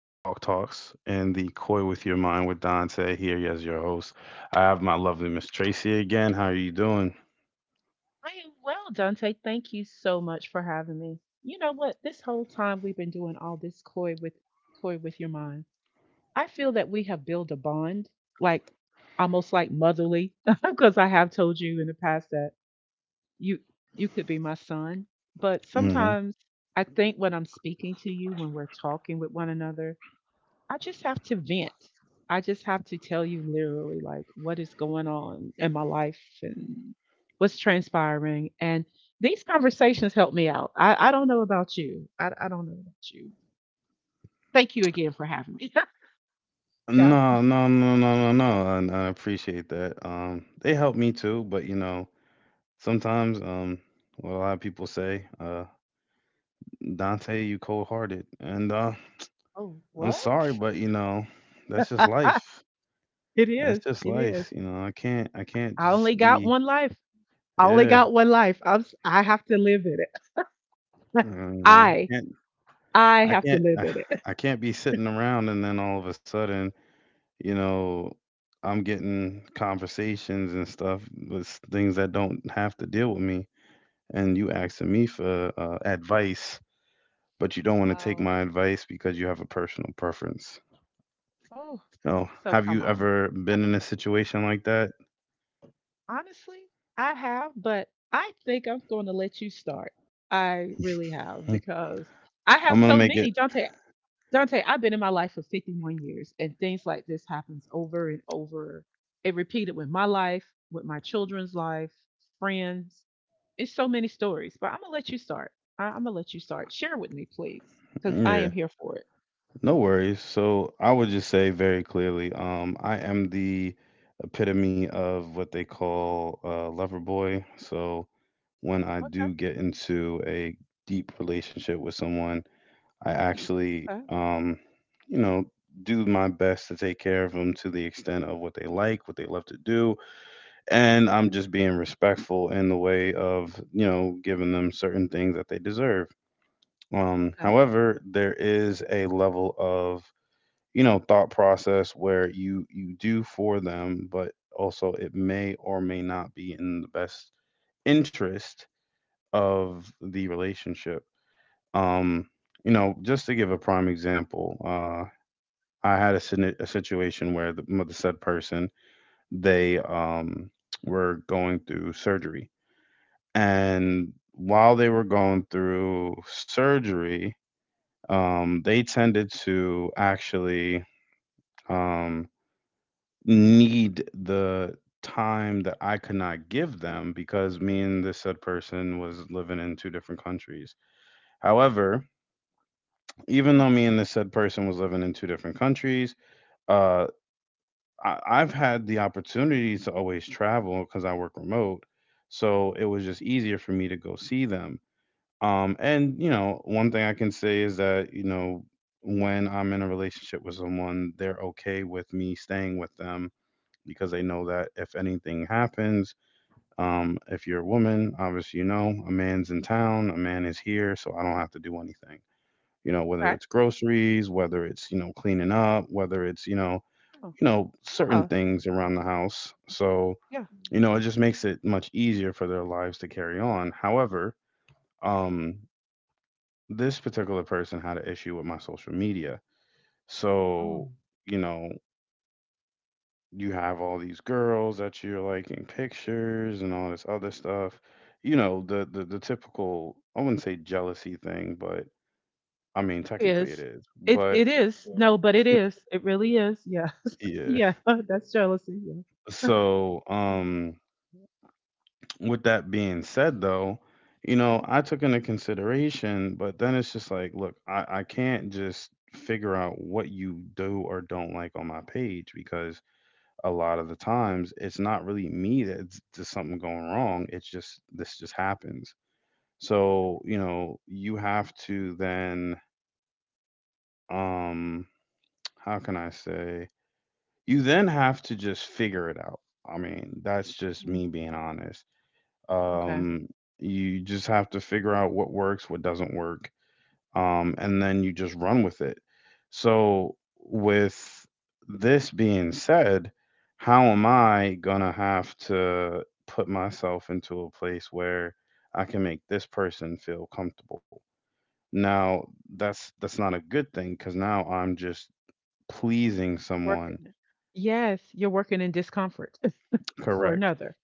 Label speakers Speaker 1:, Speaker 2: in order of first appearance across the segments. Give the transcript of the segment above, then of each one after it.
Speaker 1: talks and the Coy with Your Mind with Dante here as your host. I have my lovely Miss Tracy again. How are you doing?
Speaker 2: I am well, Dante. Thank you so much for having me. You know what? This whole time we've been doing all this coy with your mind. I feel that we have built a bond, like almost like motherly, because I have told you in the past that you you could be my son. But
Speaker 1: hmm
Speaker 2: sometimes I think when I'm speaking to you, when we're talking with one another, I just have to vent. I just have to tell you literally like what is going on in my life and what's transpiring. And these conversations help me out. I don't know about you. I don't know about you. Thank you again for having me. Yeah.
Speaker 1: No, no, no, no, no, no. And I appreciate that. They help me too, but you know, sometimes what a lot of people say, Dante, you cold-hearted, and
Speaker 2: Oh,
Speaker 1: I'm sorry,
Speaker 2: what?
Speaker 1: but you know, that's just life.
Speaker 2: It
Speaker 1: That's
Speaker 2: is.
Speaker 1: just
Speaker 2: It is.
Speaker 1: life. You know, I can't
Speaker 2: I only
Speaker 1: just
Speaker 2: got
Speaker 1: be.
Speaker 2: one life. I only
Speaker 1: Yeah,
Speaker 2: got one life. I have to live in it.
Speaker 1: I don't know.
Speaker 2: I
Speaker 1: I can't
Speaker 2: I
Speaker 1: I
Speaker 2: have to
Speaker 1: can't
Speaker 2: live in it.
Speaker 1: I can't be sitting around and then all of a sudden, you know, I'm getting conversations and stuff with things that don't have to deal with me and you asking me for advice, but you don't want to take
Speaker 2: Wow.
Speaker 1: my advice because you have a personal preference.
Speaker 2: Oh,
Speaker 1: You know,
Speaker 2: so
Speaker 1: have
Speaker 2: come
Speaker 1: you
Speaker 2: on.
Speaker 1: ever been in a situation like that?
Speaker 2: Honestly, I have, but I think I'm going to let you start. I really have because I have
Speaker 1: I'm gonna
Speaker 2: so
Speaker 1: make
Speaker 2: many.
Speaker 1: it.
Speaker 2: Dante, Dante, I've been in my life for 51 years and things like this happens over and over. It repeated with my life, with my children's life, friends. It's so many stories, but I'm going to let you start. I'm going to let you start. Share with me, please, because I am
Speaker 1: Yeah.
Speaker 2: here for it.
Speaker 1: No worries. So I would just say very clearly, I am the epitome of what they call a lover boy. So when I
Speaker 2: Okay,
Speaker 1: do get into a deep relationship with someone, I actually,
Speaker 2: okay,
Speaker 1: you know, do my best to take care of them to the extent of what they like, what they love to do, and I'm just being respectful in the way of, you know, giving them certain things that they deserve.
Speaker 2: okay.
Speaker 1: However, there is a level of you know thought process where you do for them, but also it may or may not be in the best interest of the relationship, um you know, just to give a prime example, I had a situation where the said person, they were going through surgery, and while they were going through surgery, they tended to actually um need the time that I could not give them because me and this said person was living in two different countries. However, even
Speaker 2: Mm,
Speaker 1: though me and this said person was living in two different countries, uh, I've had the opportunity to always travel because I work remote. So it was just easier for me to go see them. And, you know, one thing I can say is that, you know, when I'm in a relationship with someone, they're okay with me staying with them because they know that if anything happens, if you're a woman, obviously you know a man's in town, a man is here, so I don't have to do anything. You know, whether
Speaker 2: okay.
Speaker 1: it's groceries, whether it's you know cleaning up, whether it's you know,
Speaker 2: Oh,
Speaker 1: you know, certain
Speaker 2: yeah,
Speaker 1: things around the house. So
Speaker 2: yeah.
Speaker 1: you know it just makes it much easier for their lives to carry on. However, um, this particular person had an issue with my social media,
Speaker 2: Oh.
Speaker 1: so you know, you have all these girls that you're like in pictures and all this other stuff. You know, the typical, I wouldn't say jealousy thing, but I mean technically it
Speaker 2: is.
Speaker 1: is.
Speaker 2: It
Speaker 1: But
Speaker 2: it is. Yeah. No, but it is. It really is. Yes.
Speaker 1: yeah.
Speaker 2: Yeah. That's jealousy. Yeah.
Speaker 1: So, with that being said though, you know, I took into consideration, but then it's just like, look, I can't just figure out what you do or don't like on my page because a lot of the times it's not really me, that's just something going wrong. It's just this just happens. So, you know, you have to then um how can I say, you then have to just figure it out. I mean, that's just
Speaker 2: Mm,
Speaker 1: me being honest.
Speaker 2: okay.
Speaker 1: Um you just have to figure out what works, what doesn't work, and then you just run with it. So, with this being said, how am I gonna have to put myself into a place where I can make this person feel comfortable? Now, that's not a good thing because now I'm just pleasing
Speaker 2: Working.
Speaker 1: someone.
Speaker 2: it. Yes, you're working in discomfort for
Speaker 1: Correct.
Speaker 2: another.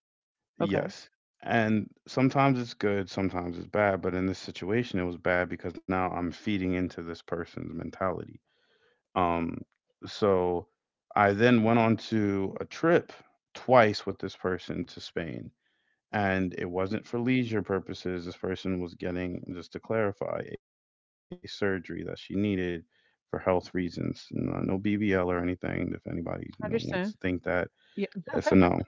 Speaker 2: Okay.
Speaker 1: Yes. And sometimes it's good, sometimes it's bad, but in this situation, it was bad because now I'm feeding into this person's mentality. Um, so I then went on to a trip twice with this person to Spain, and it
Speaker 2: Okay.
Speaker 1: wasn't for leisure purposes. This person was getting, just to clarify, a surgery that she needed for health reasons. No, no BBL or anything. If anybody you know wants to think that,
Speaker 2: Understand.
Speaker 1: that's a
Speaker 2: Yeah.
Speaker 1: no.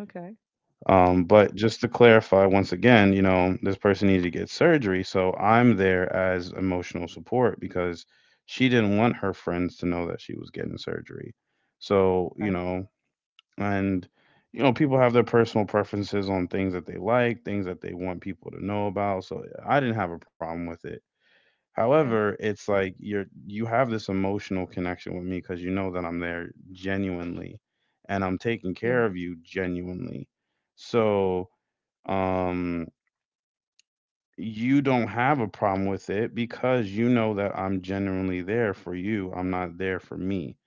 Speaker 2: okay.
Speaker 1: But just to clarify once again, you know, this person needed to get surgery, so I'm there as emotional support because she didn't want her friends to know that she was getting surgery. So, you
Speaker 2: Right.
Speaker 1: know, and you know, people have their personal preferences on things that they like, things that they want people to know about. So I didn't have a problem with it.
Speaker 2: Yeah.
Speaker 1: However, it's like you're, you have this emotional connection with me because you know that I'm there genuinely and I'm taking care of
Speaker 2: Yes.
Speaker 1: you genuinely. So, um you don't have a problem with it because you know that I'm genuinely there for you. I'm not there for me.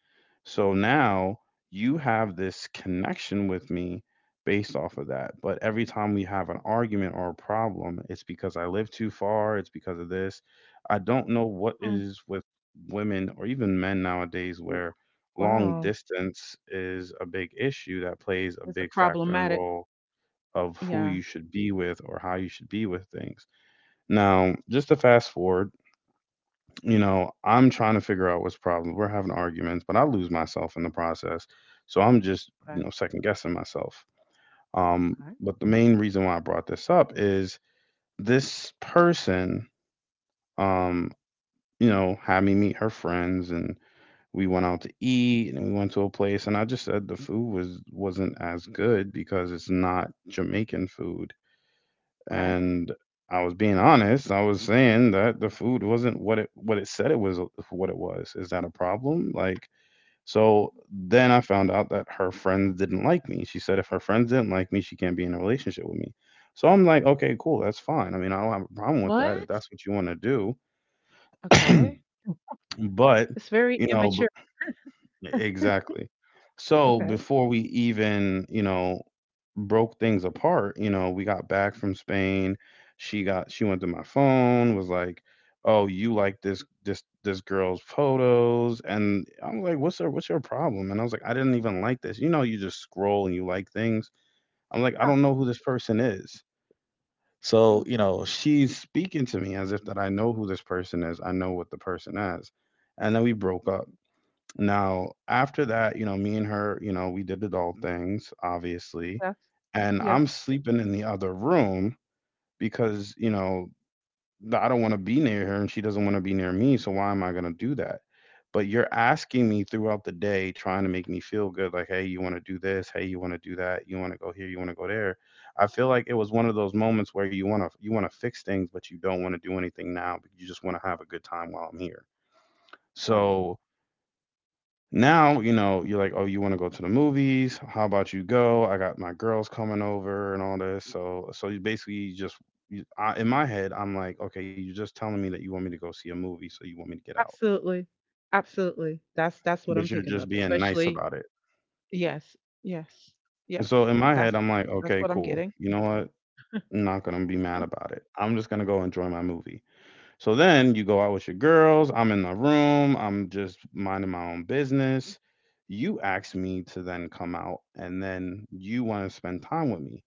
Speaker 1: So now you have this connection with me based off of that. But every time we have an argument or a problem, it's because I live too far, it's because of this. I don't know what
Speaker 2: Mm.
Speaker 1: is with women or even men nowadays
Speaker 2: W-
Speaker 1: where long
Speaker 2: Wow.
Speaker 1: distance is a big issue that plays a
Speaker 2: That's a
Speaker 1: big factor and
Speaker 2: problematic.
Speaker 1: role of who
Speaker 2: Yeah.
Speaker 1: you should be with or how you should be with things. Now, just to fast forward, you know, I'm trying to figure out what's the problem. We're having arguments, but I lose myself in the process. So I'm just, you
Speaker 2: Okay.
Speaker 1: know, second guessing myself.
Speaker 2: Okay.
Speaker 1: But the main reason why I brought this up is this person, um, you know, had me meet her friends, and we went out to eat and we went to a place, and I just said the food wasn't as good because it's not Jamaican food,
Speaker 2: Okay.
Speaker 1: and I was being honest. I was saying that the food wasn't what it said it was, what it was. Is that a problem? Like, so then I found out that her friends didn't like me. She said if her friends didn't like me, she can't be in a relationship with me. So I'm like, okay, cool, that's fine. I mean, I don't have a problem with that if
Speaker 2: What?
Speaker 1: that's what you want to do.
Speaker 2: Okay.
Speaker 1: But,
Speaker 2: It's very
Speaker 1: you know,
Speaker 2: immature.
Speaker 1: exactly. So
Speaker 2: Okay.
Speaker 1: before we even, you know, broke things apart, you know, we got back from Spain. She went to my phone, was like, "Oh, you like this girl's photos?" And I'm like, What's your problem?" And I was like, "I didn't even like this." You know, you just scroll and you like things. I'm like, "I
Speaker 2: Yeah.
Speaker 1: don't know who this person is."
Speaker 2: Yeah.
Speaker 1: So, you know, she's speaking to me as if that I know who this person is. I know what the person is. And then we broke up. Now, after that, you know, me and her, you know, we did adult things, obviously. And
Speaker 2: Yeah.
Speaker 1: I'm sleeping in the other room because, you know, I don't want to be near her and she doesn't want to be near me. So why am I going to do that? But you're asking me throughout the day, trying to make me feel good, like, hey, you want to do this? Hey, you want to do that? You want to go here? You want to go there? I feel like it was one of those moments where you want to fix things, but you don't want to do anything now, but you just want to have a good time while I'm here.
Speaker 2: Yes.
Speaker 1: So now, you know, you're like, "Oh, you wanna go to the movies? How about you go? I got my girls coming over and all this." So you basically, you just you, I, in my head, I'm like, "Okay, you're just telling me that you want me to go see a movie, so you want me to get out,
Speaker 2: Absolutely. Absolutely. That's what I'm
Speaker 1: but you're
Speaker 2: picking
Speaker 1: just
Speaker 2: up,
Speaker 1: being nice
Speaker 2: especially
Speaker 1: about it."
Speaker 2: yes, yes, yes.
Speaker 1: So in my head,
Speaker 2: That's
Speaker 1: I'm like,
Speaker 2: that's
Speaker 1: "Okay,
Speaker 2: what I'm
Speaker 1: cool.
Speaker 2: getting.
Speaker 1: You know what? I'm not gonna be
Speaker 2: Huh.
Speaker 1: mad about it. I'm just gonna go enjoy my movie." So then you go out with your girls. I'm in the room. I'm just minding my own business. You ask me to then come out and then you want to spend time with me.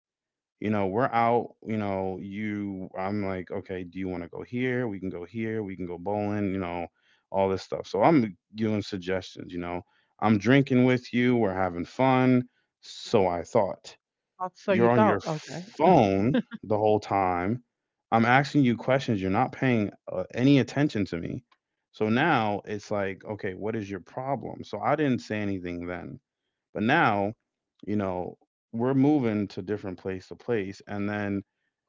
Speaker 1: You know, we're out, you know, you I'm like, okay, do you want to go here? We can go here. We can go bowling, you know, all this stuff. So I'm giving suggestions, you know. I'm drinking with you. We're having fun. So I thought.
Speaker 2: Oh, so you
Speaker 1: You're on
Speaker 2: thought,
Speaker 1: your
Speaker 2: okay,
Speaker 1: phone the whole time. I'm asking you questions. You're not paying any attention to me. So now it's like, okay, what is your problem? So I didn't say anything then. But now, you know, we're moving to different place to place. And then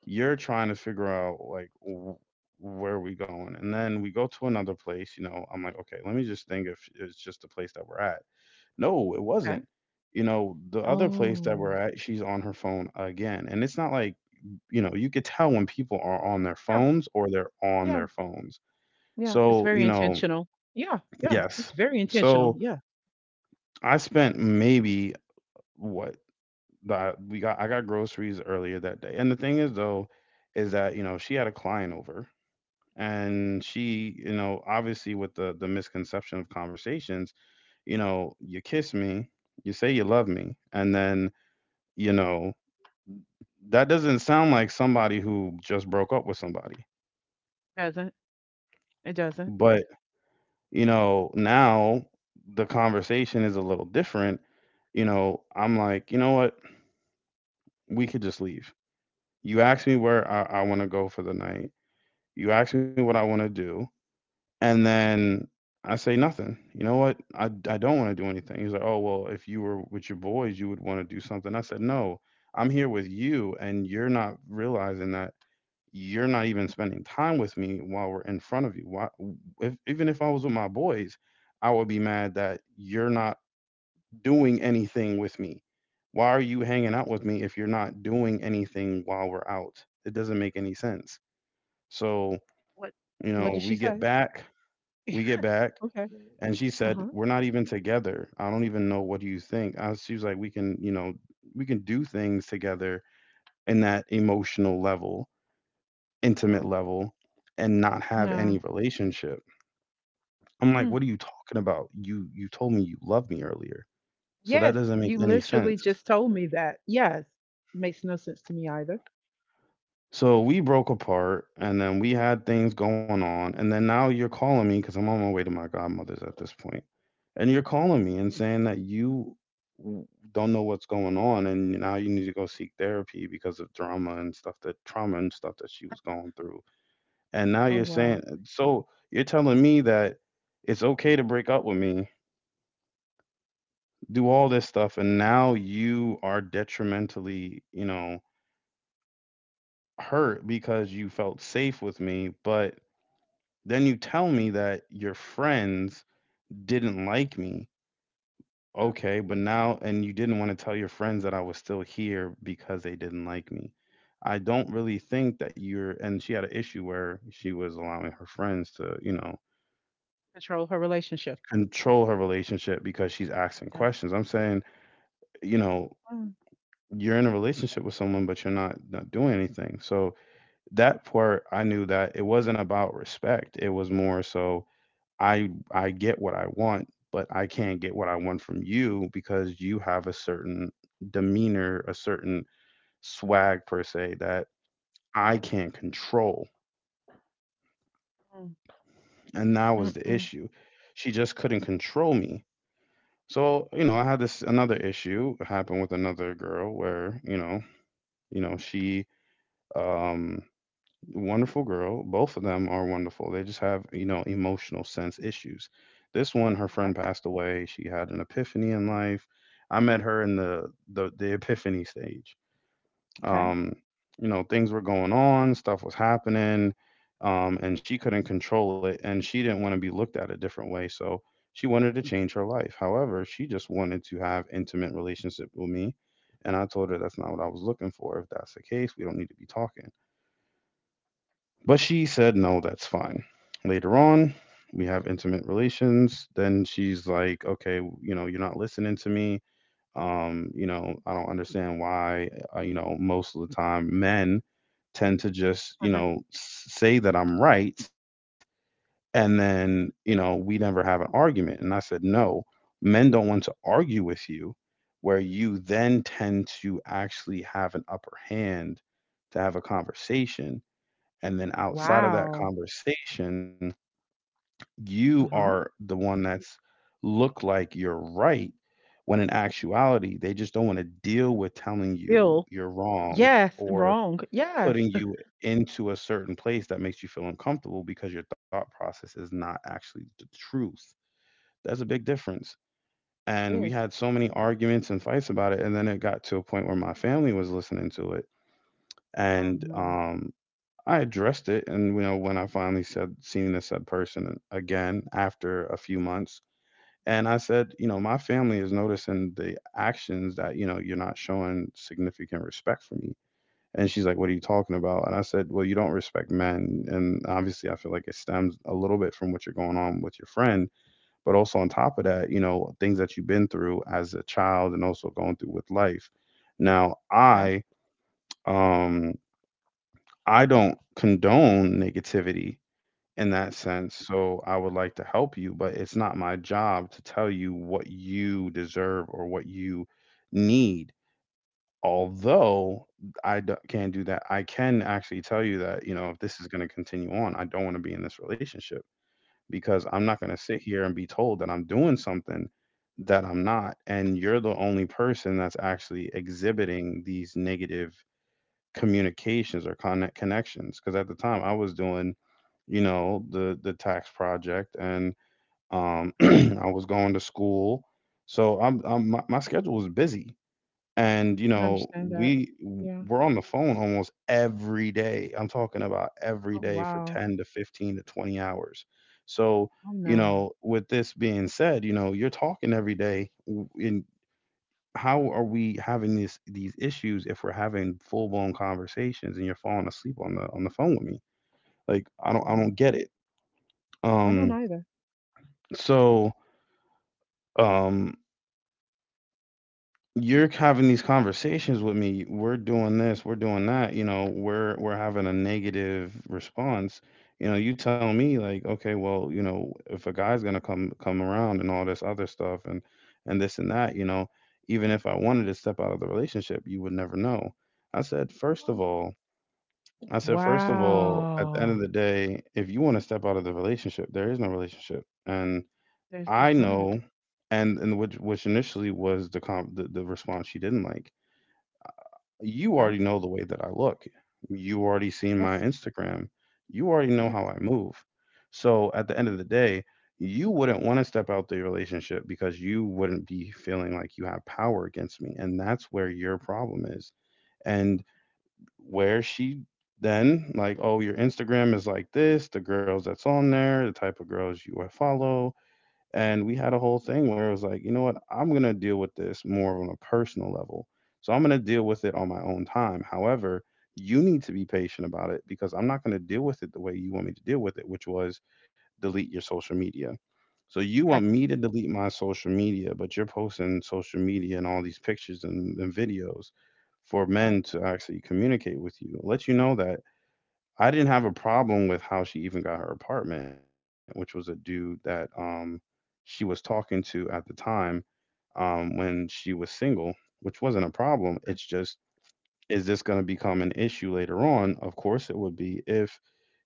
Speaker 1: you're trying to figure out, like, where are we going? And then we go to another place. You know, I'm like, okay, let me just think if it's just the place that we're at. No, it
Speaker 2: okay.
Speaker 1: wasn't. You know, the other place
Speaker 2: Oh,
Speaker 1: that we're at, she's on her phone again. And it's not like, you know, you could tell when people are on their
Speaker 2: yeah,
Speaker 1: phones or they're on
Speaker 2: yeah,
Speaker 1: their phones.
Speaker 2: yeah. It's
Speaker 1: So,
Speaker 2: very
Speaker 1: you know,
Speaker 2: intentional. Yeah, yeah. It's
Speaker 1: yes.
Speaker 2: very intentional.
Speaker 1: So
Speaker 2: Yeah.
Speaker 1: I spent maybe what that we got, I got groceries earlier that day. And the thing is, though, is that, you know, she had a client over. And she, you know, obviously with the misconception of conversations, you know, you kiss me, you say you love me, and then, you know, that doesn't sound like somebody who just broke up with somebody.
Speaker 2: Doesn't it doesn't.
Speaker 1: But, you know, now the conversation is a little different. You know, I'm like, you know what? We could just leave. You asked me where I want to go for the night. You asked me what I want to do. And then I say nothing. You know what? I don't want to do anything. He's like, oh, well, if you were with your boys, you would want to do something. I said, no, I'm here with you. And you're not realizing that you're not even spending time with me while we're in front of you. Why, if, even if I was with my boys, I would be mad that you're not doing anything with me. Why are you hanging out with me if you're not doing anything while we're out? It doesn't make any sense. So,
Speaker 2: What
Speaker 1: you
Speaker 2: what
Speaker 1: know,
Speaker 2: did she say?
Speaker 1: we get back.
Speaker 2: Okay.
Speaker 1: And she said,
Speaker 2: Uh-huh.
Speaker 1: "We're not even together. I don't even know what do you think." I, she was like, "We can, you know, we can do things together in that emotional level, intimate
Speaker 2: Oh.
Speaker 1: level, and not have any
Speaker 2: No.
Speaker 1: relationship." I'm like,
Speaker 2: Mm.
Speaker 1: "What are you talking about? You told me you loved me earlier, so that
Speaker 2: Yes,
Speaker 1: doesn't make
Speaker 2: you
Speaker 1: any
Speaker 2: literally
Speaker 1: sense."
Speaker 2: just told me that. Yes. Makes no sense to me either.
Speaker 1: So we broke apart, and then we had things going on, and then now you're calling me because 'cause I'm on my way to my godmother's at this point, and you're calling me and saying that you w- don't know what's going on, and now you need to go seek therapy because of drama and stuff that trauma and stuff that she was going through. And now
Speaker 2: Oh
Speaker 1: you're
Speaker 2: wow.
Speaker 1: saying, so you're telling me that it's okay to break up with me, do all this stuff, and now you are detrimentally, you know, hurt because you felt safe with me, but then you tell me that your friends didn't like me.
Speaker 2: Yeah.
Speaker 1: Okay, but now, and you didn't want to tell your friends that I was still here because they didn't like me. I don't really think that you're, and she had an issue where she was allowing her friends to, you know,
Speaker 2: Control her relationship.
Speaker 1: control her relationship because she's asking
Speaker 2: Yeah.
Speaker 1: questions. I'm saying, you know,
Speaker 2: Mm.
Speaker 1: you're in a relationship with someone, but you're not doing anything. So that part, I knew that it wasn't about respect. It was more so I get what I want, but I can't get what I want from you because you have a certain demeanor, a certain swag per se that
Speaker 2: Yeah.
Speaker 1: I can't control.
Speaker 2: Mm.
Speaker 1: And that was the
Speaker 2: Mm-mm.
Speaker 1: issue. She just couldn't control me. So, you know, I had this another issue happen with another girl where, you know, she um wonderful girl. Both of them are wonderful. They just have, you know, emotional sense issues. This one, her
Speaker 2: Okay.
Speaker 1: friend passed away. She had an epiphany in
Speaker 2: Mm.
Speaker 1: life. I met her in the epiphany stage,
Speaker 2: Okay.
Speaker 1: um, you know, things were going on, stuff was happening, and she couldn't control it, and she didn't want to be looked at a different way, so she wanted to change her life. However, she just wanted to have intimate relationship with me, and I told her that's not what I was looking for. If that's the case, we don't need to be talking. But she said no, that's fine. Later on, we have intimate relations. Then she's like, okay, you know, you're not listening to me, you know, I don't understand why, you know, most of the time men tend to just, you
Speaker 2: Uh-huh.
Speaker 1: know, say that I'm right. And then, you know, we never have an argument. And I said, no, men don't want to argue with you, where you then tend to actually have an upper hand to have a conversation. And then outside of that
Speaker 2: Wow.
Speaker 1: conversation, you are
Speaker 2: Uh-huh.
Speaker 1: the one that's look like you're right when in actuality they just don't want to deal with telling you
Speaker 2: Bill.
Speaker 1: you're wrong
Speaker 2: Yes,
Speaker 1: or
Speaker 2: wrong. Yes.
Speaker 1: putting you into a certain place that makes you feel uncomfortable because your thought process is not actually the truth. That's a big difference. And we
Speaker 2: Yes.
Speaker 1: had so many arguments and fights about it. And then it got to a point where my family was listening to it.
Speaker 2: Oh
Speaker 1: And
Speaker 2: no.
Speaker 1: I addressed it. And, you know, when I finally said, seen this said person again after a few months, and I said, you know, my family is noticing the actions that, you know, you're not showing significant respect for me. And she's like, what are you talking about? And I said, well, you don't respect men. And obviously, I feel like it stems a little bit from what you're going on with your friend. But also, on top of that, you know, things that you've been through as a child and also going through with life. Now,
Speaker 2: Okay.
Speaker 1: um, I don't condone negativity in that sense. So I would like to help you, but it's not my job to tell you what you deserve or what you need. Although can't do that, I can actually tell you that, you know, if this is going to continue on, I don't want to be in this relationship because I'm not going to sit here and be told that I'm doing something that I'm not. And you're the only person that's actually exhibiting these negative communications or connections because at the time I was doing, you know, the tax project and
Speaker 2: Okay.
Speaker 1: I was going to school. So my schedule was busy. And you
Speaker 2: Can
Speaker 1: know
Speaker 2: understand that.
Speaker 1: we
Speaker 2: Yeah.
Speaker 1: we're on the phone almost every day. I'm talking about every
Speaker 2: Oh
Speaker 1: day for
Speaker 2: wow.
Speaker 1: 10 to 15 to 20 hours. So,
Speaker 2: Oh
Speaker 1: you
Speaker 2: no.
Speaker 1: know, with this being said, you know, you're talking every day, and how are we having these issues if we're having full blown conversations and you're falling asleep on the phone with me? Like I
Speaker 2: Oh
Speaker 1: don't I
Speaker 2: wow.
Speaker 1: don't get it.
Speaker 2: I don't
Speaker 1: Um,
Speaker 2: either.
Speaker 1: so, um, you're having these conversations with me. We're doing this, we're doing that, you know, we're having a negative response. You know, you tell me like, okay, well, you know, if a guy's gonna come around and all this other stuff, and this and that, you know, even if I wanted to step out of the relationship, you would never know. I said, first of all, I said, first of all, at the end
Speaker 2: Wow.
Speaker 1: of the day, if you want to step out of the relationship, there is no relationship. And
Speaker 2: There's
Speaker 1: I
Speaker 2: it's none.
Speaker 1: know, and which initially was the response she didn't like. You
Speaker 2: Okay.
Speaker 1: already know the way that I look. You already seen my
Speaker 2: Yes.
Speaker 1: Instagram. You already know
Speaker 2: Yes.
Speaker 1: how I move. So at the end of the day, you wouldn't want to step out the relationship because you wouldn't be feeling like you have power against me. And that's where your problem is. And where she then like, oh, your Instagram is like this, the girls that's on there, the type of girls you would follow, and we had a whole thing where it was like, you know what, I'm going to deal with this more on a personal level. So I'm going to deal with it on my own time. However, you need to be patient about it because I'm not going to deal with it the way you want me to deal with it, which was delete your social media. So you want
Speaker 2: Yes.
Speaker 1: me to delete my social media, but you're posting social media and all these pictures and videos for
Speaker 2: Yeah.
Speaker 1: men to actually communicate with you. Let you know that I didn't have a problem with how she even got her apartment, which was a dude that she was talking to at the time when she was single, which wasn't a problem. It's just is this going to become an issue later on? Of course it would be if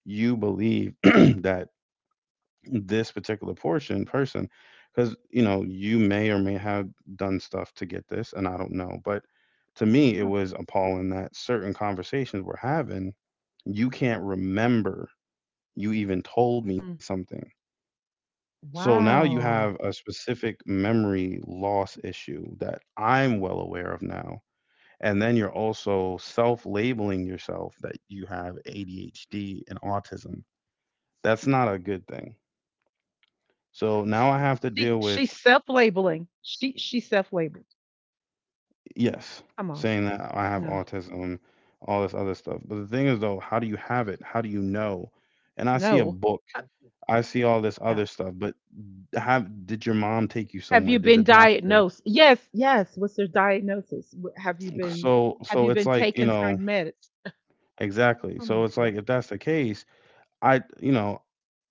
Speaker 1: you believe that this particular portion person cuz you know, you may or may have done stuff to get this and I don't know, but to me it was appalling that certain conversations we're having you can't remember, you even told me
Speaker 2: Mhm.
Speaker 1: something. So now you have
Speaker 2: Wow.
Speaker 1: a specific memory loss issue that I'm well aware of now. And then you're also self labeling yourself that you have ADHD and autism. That's not a good thing.
Speaker 2: What?
Speaker 1: So now I have to
Speaker 2: She
Speaker 1: deal
Speaker 2: she's
Speaker 1: with,
Speaker 2: self-labeling. She self-labeled.
Speaker 1: yes,
Speaker 2: Come on.
Speaker 1: saying that I have
Speaker 2: No.
Speaker 1: autism, all this other stuff. But the thing is, though, how do you have it? How do you know? And I see a
Speaker 2: No.
Speaker 1: book,
Speaker 2: Uh,
Speaker 1: I see all this
Speaker 2: yeah.
Speaker 1: other stuff, but have did your mom take you
Speaker 2: Have you
Speaker 1: somewhere? Did
Speaker 2: been
Speaker 1: a doctor?
Speaker 2: diagnosed? Yes, yes. What's their diagnosis?
Speaker 1: So
Speaker 2: Have
Speaker 1: so
Speaker 2: you
Speaker 1: it's
Speaker 2: been
Speaker 1: like, you
Speaker 2: taking
Speaker 1: know,
Speaker 2: certain meds?
Speaker 1: exactly.
Speaker 2: Oh my
Speaker 1: So it's
Speaker 2: goodness.
Speaker 1: like, if that's the case, I,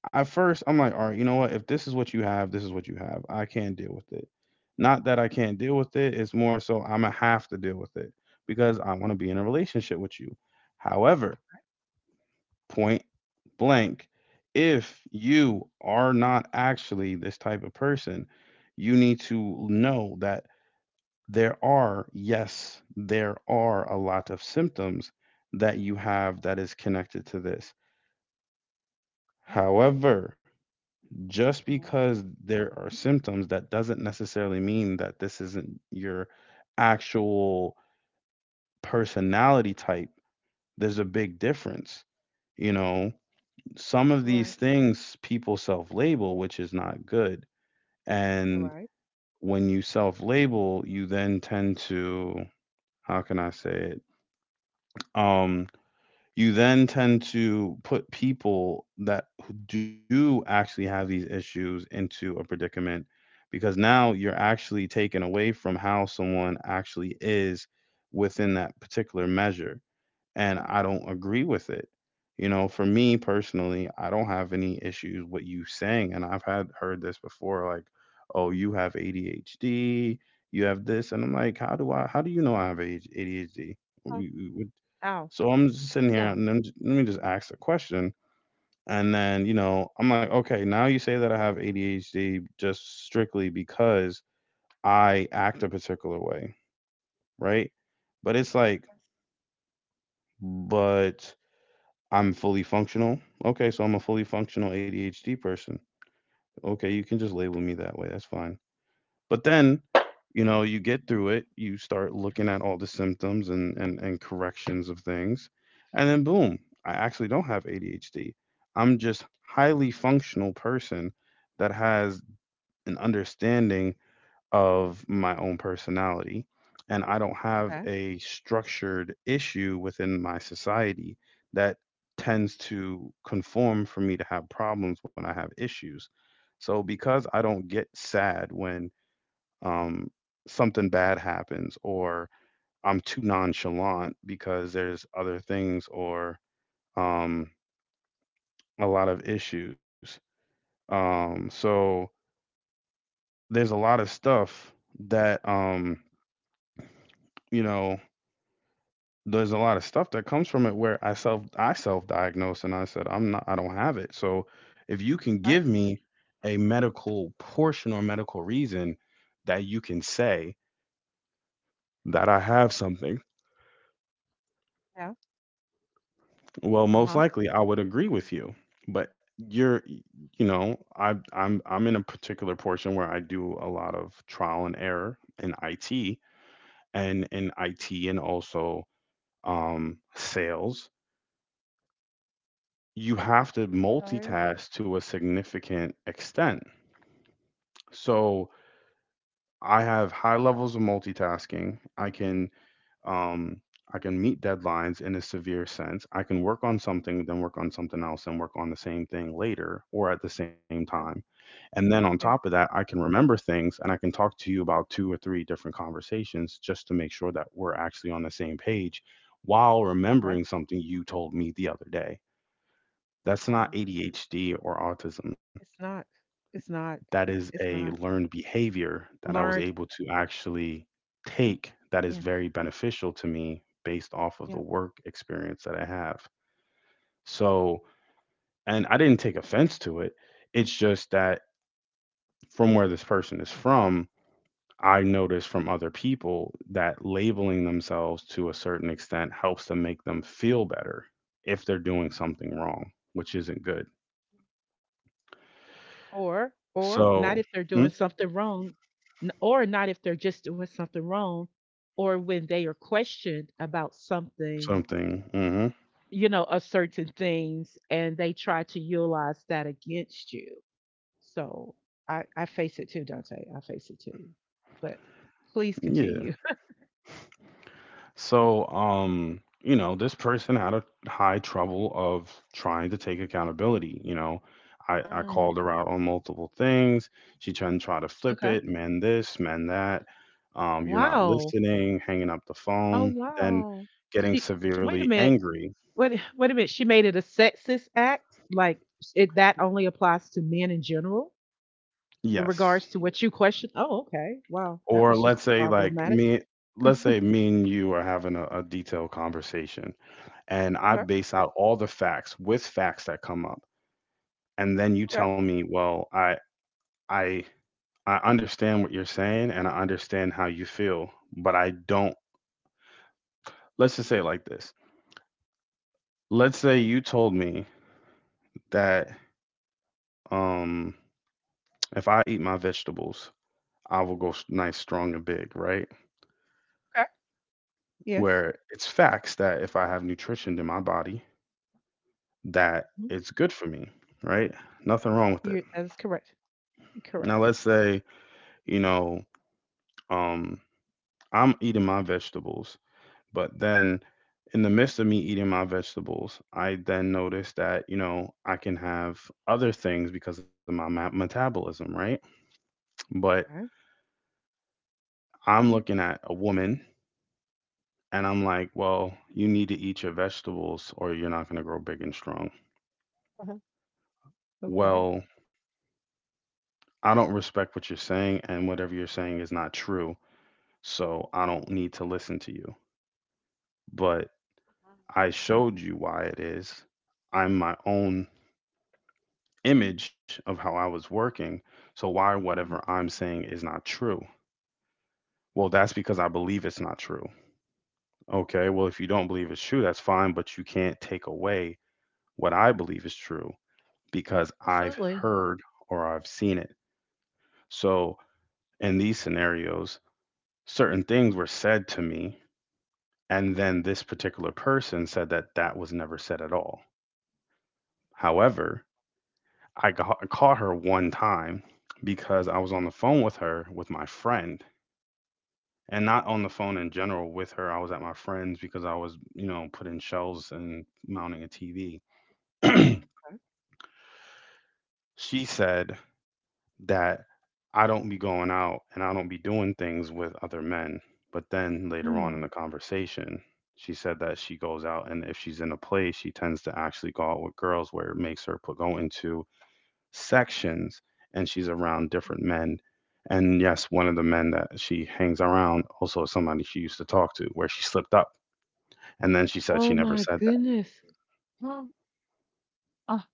Speaker 1: at first I'm like, "All right, you know what? If this is what you have, this is what you have. I can't deal with it." Not that I can't deal with it, it's more so Imma have to deal with it because I wanna be in a relationship with you. However, point blank, if you are not actually this type of person, you need to know that there are, yes, there are a lot of symptoms that you have that is connected to this.
Speaker 2: Yeah,
Speaker 1: However, just
Speaker 2: yeah,
Speaker 1: because there are symptoms, that doesn't necessarily mean that this isn't your actual personality type. There's a big difference. You know, some of
Speaker 2: you're
Speaker 1: these
Speaker 2: right.
Speaker 1: things people self label, which is not good.
Speaker 2: You're
Speaker 1: And
Speaker 2: right.
Speaker 1: when you self label, you then tend to, how can I say it? Um, you then tend to put people that who do actually have these issues into a predicament because now you're actually taken away from how someone actually is within that particular measure, and I don't agree with it. You know, for me personally, I don't have any issues with you saying, and I've had heard this before, like, oh, you have ADHD, you have this, and I'm like, how do I? How do you know I have ADHD?
Speaker 2: Oh,
Speaker 1: We- we- we-
Speaker 2: ow.
Speaker 1: So I'm just sitting here,
Speaker 2: Yeah.
Speaker 1: and then let me just ask the question, and then you know, I'm like, okay, now you say that I have ADHD just strictly because I act a particular way, right? But it's like, but I'm fully functional. Okay, so I'm a fully functional ADHD person. Okay, you can just label me that way. That's fine. But then, you know, you get through it, you start looking at all the symptoms and and corrections of things, and then boom, I actually don't have ADHD. I'm just highly functional person that has an understanding of my own personality. And I don't have
Speaker 2: Okay.
Speaker 1: a structured issue within my society that tends to conform for me to have problems when I have issues. So because I don't get sad when um, something bad happens or I'm too nonchalant because there's other things or um, a lot of issues. So there's a lot of stuff that you know, there's a lot of stuff that comes from it where I self I self-diagnosed, and I said I don't have it. So if you can
Speaker 2: Right.
Speaker 1: give me a medical portion or medical reason that you can say that I have something,
Speaker 2: Yeah.
Speaker 1: well
Speaker 2: Uh
Speaker 1: most
Speaker 2: huh.
Speaker 1: likely I would agree with you. But you know, I'm in a particular portion where I do a lot of trial and error in IT, and also sales, you have to
Speaker 2: Okay.
Speaker 1: multitask to a significant extent. So I have high levels of multitasking. Um I can meet deadlines in a severe sense. I can work on something, then work on something else, and work on the same thing later or at the same time.
Speaker 2: Okay.
Speaker 1: And then on top of
Speaker 2: Yeah.
Speaker 1: that, I can remember things and I can talk to you about two or three different conversations just to make sure that we're actually on the same page while
Speaker 2: Right.
Speaker 1: remembering something you told me the other day. That's not
Speaker 2: Wow.
Speaker 1: ADHD or autism.
Speaker 2: It's not. It's not.
Speaker 1: That is
Speaker 2: It's
Speaker 1: a
Speaker 2: not
Speaker 1: learned behavior that I was
Speaker 2: learned.
Speaker 1: able to actually take that is
Speaker 2: Yes.
Speaker 1: very beneficial to me based off of the
Speaker 2: Yeah.
Speaker 1: work experience that I have. So, and I didn't take offense to it. It's just that from where this person is from, I noticed from other people that labeling themselves to a certain extent helps them make them feel better if they're doing something wrong, which isn't good.
Speaker 2: Or not
Speaker 1: So,
Speaker 2: if they're doing
Speaker 1: mm,
Speaker 2: something wrong, or not if they're just doing something wrong, or when they are questioned about something,
Speaker 1: something. Hmm.
Speaker 2: you know, a certain things, and they try to utilize that against you. So I face it too, Dante. I face it too. But please
Speaker 1: Yeah.
Speaker 2: continue.
Speaker 1: So, you know, this person had a high trouble of trying to take accountability. You know, I
Speaker 2: Mm,
Speaker 1: called her out on multiple things. She tried to try to flip
Speaker 2: okay.
Speaker 1: it, mend this, mend that. You're not
Speaker 2: Wow.
Speaker 1: listening, hanging up the
Speaker 2: Oh
Speaker 1: phone, then
Speaker 2: wow.
Speaker 1: getting
Speaker 2: She, sh wait a
Speaker 1: severely
Speaker 2: minute.
Speaker 1: angry.
Speaker 2: Wait wait a minute, she made it a sexist act? Like, it that only applies to men in general in
Speaker 1: Yes.
Speaker 2: regards to what you question? Oh, okay. Wow, that
Speaker 1: Or
Speaker 2: was just
Speaker 1: let's say like
Speaker 2: problematic.
Speaker 1: me, let's say me and you are having a detailed conversation and I
Speaker 2: Okay,
Speaker 1: base out all the facts with facts that come up, and then you
Speaker 2: okay,
Speaker 1: tell me, well, I I understand what you're saying and I understand how you feel, but I don't, let's just say it like this. Let's say you told me that um if I eat my vegetables, I will go nice strong and big, right?
Speaker 2: okay. Yes.
Speaker 1: Where it's facts that if I have nutrition in my body, that
Speaker 2: Mhm.
Speaker 1: it's good for me, right? Nothing wrong with it.
Speaker 2: You that is correct.
Speaker 1: Now
Speaker 2: Correct.
Speaker 1: let's say, you know, um I'm eating my vegetables. But then in the midst of me eating my vegetables, I then noticed that, you know, I can have other things because of my metabolism, right? But
Speaker 2: Okay.
Speaker 1: I'm looking at a woman and I'm like, well, you need to eat your vegetables or you're not going to grow big and strong.
Speaker 2: uh Okay.
Speaker 1: Well, I don't respect what you're saying and whatever you're saying is not true. So I don't need to listen to you. But I showed you why it is. I'm my own image of how I was working. So why whatever
Speaker 2: Yes,
Speaker 1: I'm saying is not true? Well, that's because I believe it's not true. Okay, well, if you don't believe it's true, that's fine, but you can't take away what I believe is true because I've
Speaker 2: absolutely.
Speaker 1: heard or I've seen it. So in these scenarios, certain things were said to me, and then this particular person said that that was never said at all. However, I caught her one time because I was on the phone with her with my friend, and not on the phone in general with her. I was at my friend's because I was, you know, putting shelves and mounting a TV. She said that I don't be going out and I don't be doing things with other men. But then later on in the
Speaker 2: Hmm.
Speaker 1: conversation, she said that she goes out and if she's in a place, she tends to actually go out with girls where it makes her put, go into sections and she's around different men. And yes, one of the men that she hangs around also is somebody she used to talk to where she slipped up. And then she said she
Speaker 2: Oh
Speaker 1: never
Speaker 2: my
Speaker 1: said that.
Speaker 2: goodness. Huh. Ah,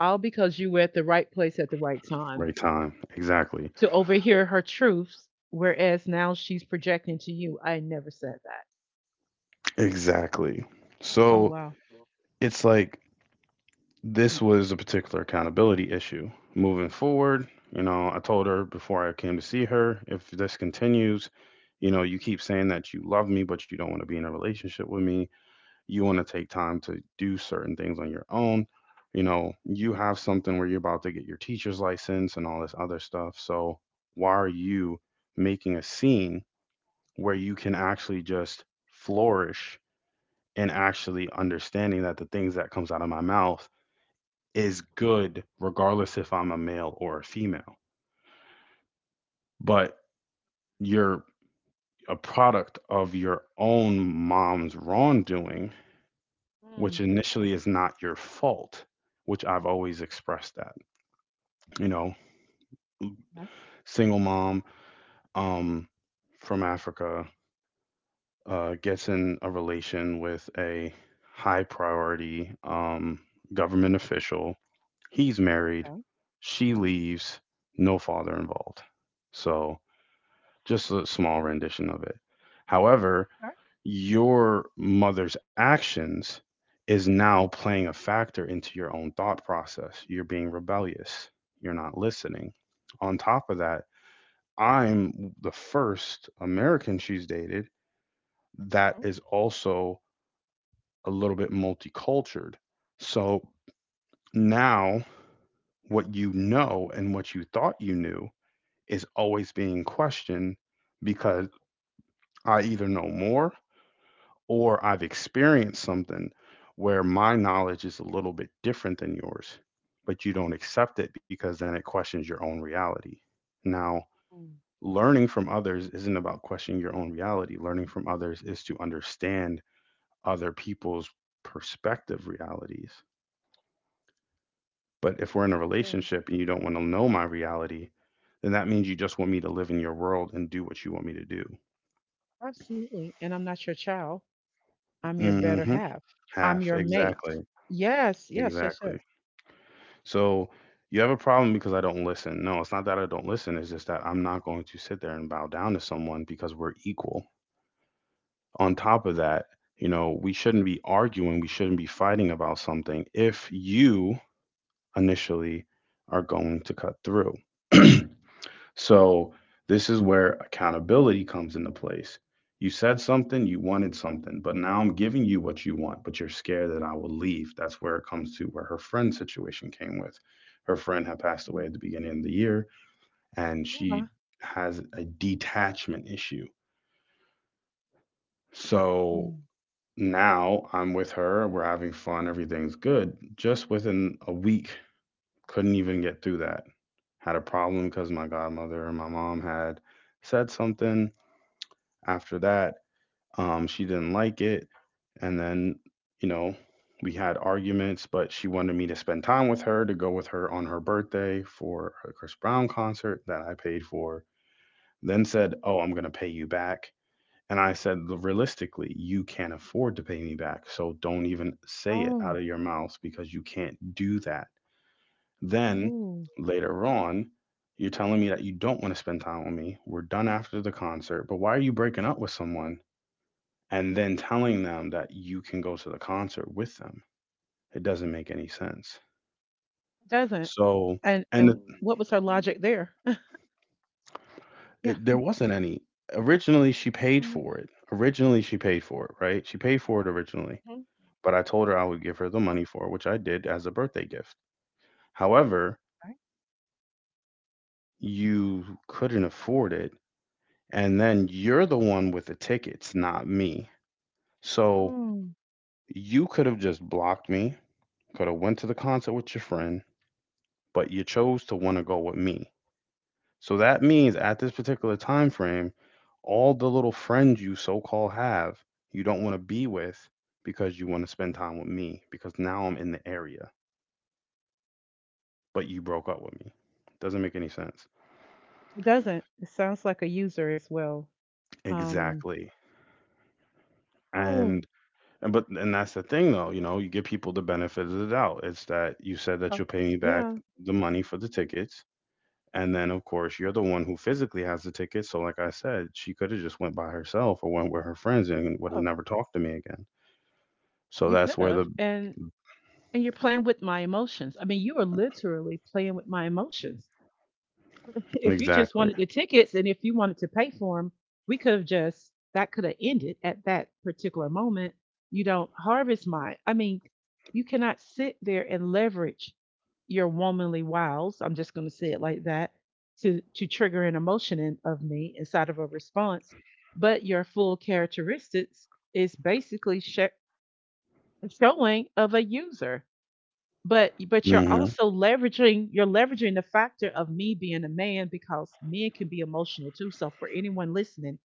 Speaker 2: all because you were at the right place at the right time
Speaker 1: Right time. Exactly.
Speaker 2: to overhear her truths, whereas now she's projecting to you, I never said that.
Speaker 1: Exactly.
Speaker 2: Oh,
Speaker 1: So
Speaker 2: wow. So
Speaker 1: it's like, this was a particular accountability issue. Moving forward, you know, I told her before I came to see her, if this continues, you know, you keep saying that you love me, but you don't want to be in a relationship with me. You want to take time to do certain things on your own. You know, you have something where you're about to get your teacher's license and all this other stuff. So why are you making a scene where you can actually just flourish and actually understanding that the things that comes out of my mouth is good regardless if I'm a male or a female. But you're a product of your own mom's wrongdoing, which
Speaker 2: Mm,
Speaker 1: initially is not your fault, which I've always expressed that. You know,
Speaker 2: that's
Speaker 1: single mom um from Africa, gets in a relation with a high priority government official. He's married.
Speaker 2: okay.
Speaker 1: She leaves. No father involved. So just a small rendition of it. However,
Speaker 2: Okay.
Speaker 1: your mother's actions is now playing a factor into your own thought process. You're being rebellious. You're not listening. On top of that, I'm the first American she's dated that
Speaker 2: Mm,
Speaker 1: is also a little bit multicultural. So now what you know and what you thought you knew is always being questioned because I either know more or I've experienced something where my knowledge is a little bit different than yours, but you don't accept it because then it questions your own reality. Now,
Speaker 2: mm,
Speaker 1: learning from others isn't about questioning your own reality. Learning from others is to understand other people's perspective realities. But if we're in a
Speaker 2: agree.
Speaker 1: relationship and you don't want to know my reality, then that means you just want me to live in your world and do what you want me to do.
Speaker 2: Absolutely. And I'm not your child. I'm your better
Speaker 1: Hmm.
Speaker 2: half. I'm
Speaker 1: Half,
Speaker 2: your
Speaker 1: exactly,
Speaker 2: mate. Yes, yes, yes, yes.
Speaker 1: exactly. So you have a problem because I don't listen. No, it's not that I don't listen. It's just that I'm not going to sit there and bow down to someone because we're equal. On top of that, we shouldn't be arguing. We shouldn't be fighting about something if you initially are going to cut through. So this is where accountability comes into place. You said something, you wanted something, but now I'm giving you what you want, but you're scared that I will leave. That's where it comes to where her friend situation came with. Her friend had passed away
Speaker 2: Mm,
Speaker 1: at the beginning of the year, and
Speaker 2: yeah.
Speaker 1: she has a detachment issue. So
Speaker 2: Mm,
Speaker 1: now I'm with her, we're having fun, everything's good. Just within a week, couldn't even get through that. Had a problem because my godmother and my mom had said something. After that, she didn't like it. And then, you know, we had arguments, but she wanted me to spend time with her, to go with her on her birthday for a Chris Brown concert that I paid for. Then
Speaker 2: oh,
Speaker 1: said,
Speaker 2: wow.
Speaker 1: "Oh, I'm going to pay you back." And I said, realistically, you can't afford to pay me back, so don't even say it out
Speaker 2: Oh,
Speaker 1: of your mouth because you can't do that. Then
Speaker 2: ooh,
Speaker 1: later on, you're telling me that you don't want to spend time with me. We're done after the concert, but why are you breaking up with someone and then telling them that you can go to the concert with them? It doesn't make any sense.
Speaker 2: it doesn't.
Speaker 1: So, and the,
Speaker 2: And what was her logic there? yeah.
Speaker 1: there wasn't any. Originally, she paid
Speaker 2: I'm like,
Speaker 1: for it. Originally, she paid for it, right? She paid for it originally,
Speaker 2: mhm,
Speaker 1: but I told her I would give her the money for it, which I did as a birthday gift. However,
Speaker 2: okay.
Speaker 1: you couldn't afford it. And then you're the one with the tickets, not me. So
Speaker 2: Mm,
Speaker 1: you could have just blocked me, could have went to the concert with your friend, but you chose to want to go with me. So that means at this particular time frame, all the little friends you so-called have, you don't want to be with because you want to spend time with me because now I'm in the area, but you broke up with me. Doesn't make any sense.
Speaker 2: it doesn't. It sounds like a user as well. Um.
Speaker 1: Exactly.
Speaker 2: Oh.
Speaker 1: And and that's the thing, though. You give people the benefit of the doubt. It's that you said that
Speaker 2: oh,
Speaker 1: you'll pay me back
Speaker 2: yeah.
Speaker 1: the money for the tickets. And then, of course, you're
Speaker 2: um,
Speaker 1: the one who physically has the tickets. So like I said, she could have just went by herself or went with her friends and would have
Speaker 2: Oh,
Speaker 1: never talked to me again. So
Speaker 2: you could
Speaker 1: that's where
Speaker 2: have.
Speaker 1: the
Speaker 2: And you're playing with my emotions. I mean, you are literally playing with my emotions. If you just
Speaker 1: exactly.
Speaker 2: wanted the tickets and if you wanted to pay for them, we could have just, that could have ended at that particular moment. You don't harvest my, I mean, you cannot sit there and leverage your womanly wiles. I'm just going to say it like that to trigger an emotion in, of me inside of a response. But your full characteristics is basically showing of a user but you're
Speaker 1: Mhm.
Speaker 2: also leveraging you're leveraging the factor of me being a man because men can be emotional too so for anyone listening